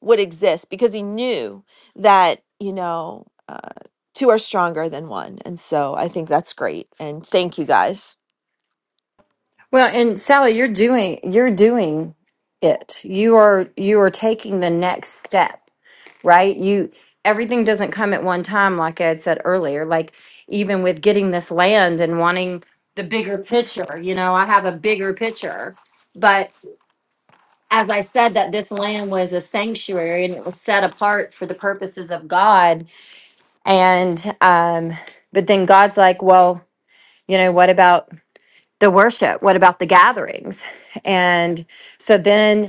C: would exist because he knew that, you know, uh, two are stronger than one. And so I think that's great. And thank you guys.
D: Well, and Sally, you're doing you're doing it. You are you are taking the next step right? You everything doesn't come at one time, like I had said earlier. Like even with getting this land and wanting the bigger picture, you know, I have a bigger picture. But as I said, that this land was a sanctuary and it was set apart for the purposes of God. And um, but then God's like, well, you know, what about the worship? What about the gatherings? And so then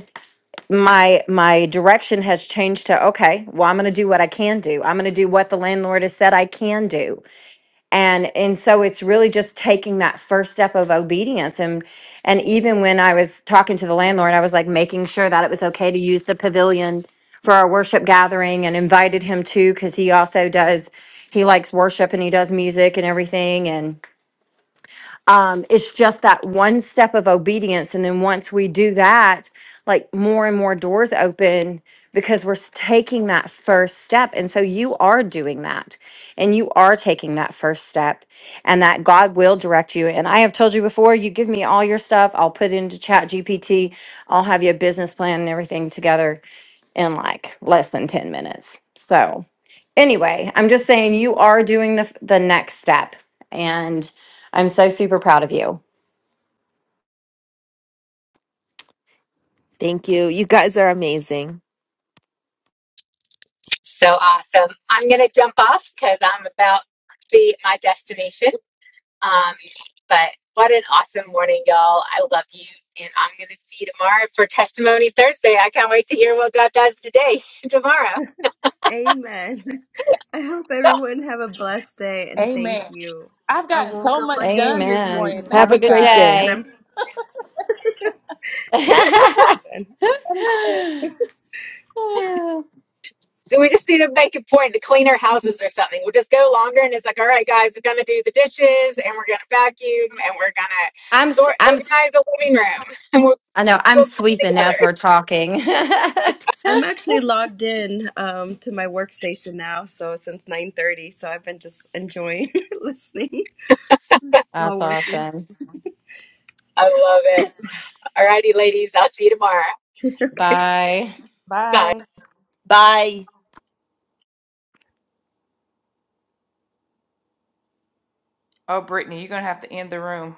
D: my my direction has changed to okay well i'm going to do what i can do i'm going to do what the landlord has said i can do and and so it's really just taking that first step of obedience and and even when i was talking to the landlord i was like making sure that it was okay to use the pavilion for our worship gathering and invited him too because he also does he likes worship and he does music and everything and um, it's just that one step of obedience and then once we do that like more and more doors open because we're s- taking that first step and so you are doing that and you are taking that first step and that god will direct you and i have told you before you give me all your stuff i'll put it into chat gpt i'll have you a business plan and everything together in like less than 10 minutes. So, anyway, I'm just saying you are doing the the next step and I'm so super proud of you.
C: Thank you. You guys are amazing.
B: So awesome. I'm going to jump off cause I'm about to be at my destination. Um, but what an awesome morning, y'all. I love you. And I'm going to see you tomorrow for Testimony Thursday. I can't wait to hear what God does today, tomorrow.
A: Amen. I hope
B: So
A: everyone have a blessed day and thank
G: Amen.
A: you.
G: I've
A: I
G: gotten
A: woke
G: so
A: up
G: much
A: like in
G: done
A: tears
G: this
A: this
D: Amen.
G: morning.
C: Have
D: Have
G: Thank
D: a
C: a
G: you
A: morning
D: good
C: great
G: guys.
C: day.
A: and I'm
D: day. I'm
A: That is good.
B: So we just need to make a point to clean our houses or something. We'll just go longer and it's like, all right, guys, we're gonna do the dishes and we're gonna vacuum and we're gonna
D: s-
B: sort
D: I'm s-
B: organize the living room and we'll
D: I know I'm
B: we'll clean
D: sweeping
B: together.
D: as we're talking.
A: I'm actually logged in um, to my workstation now, so since 9:30, so I've been just enjoying listening
D: That's
A: while working.
D: awesome.
B: I love it. All righty, ladies, I'll see you tomorrow.
D: Bye.
B: Bye.
G: Bye.
C: Bye.
G: Oh, Brittany, you're going to have to end the room.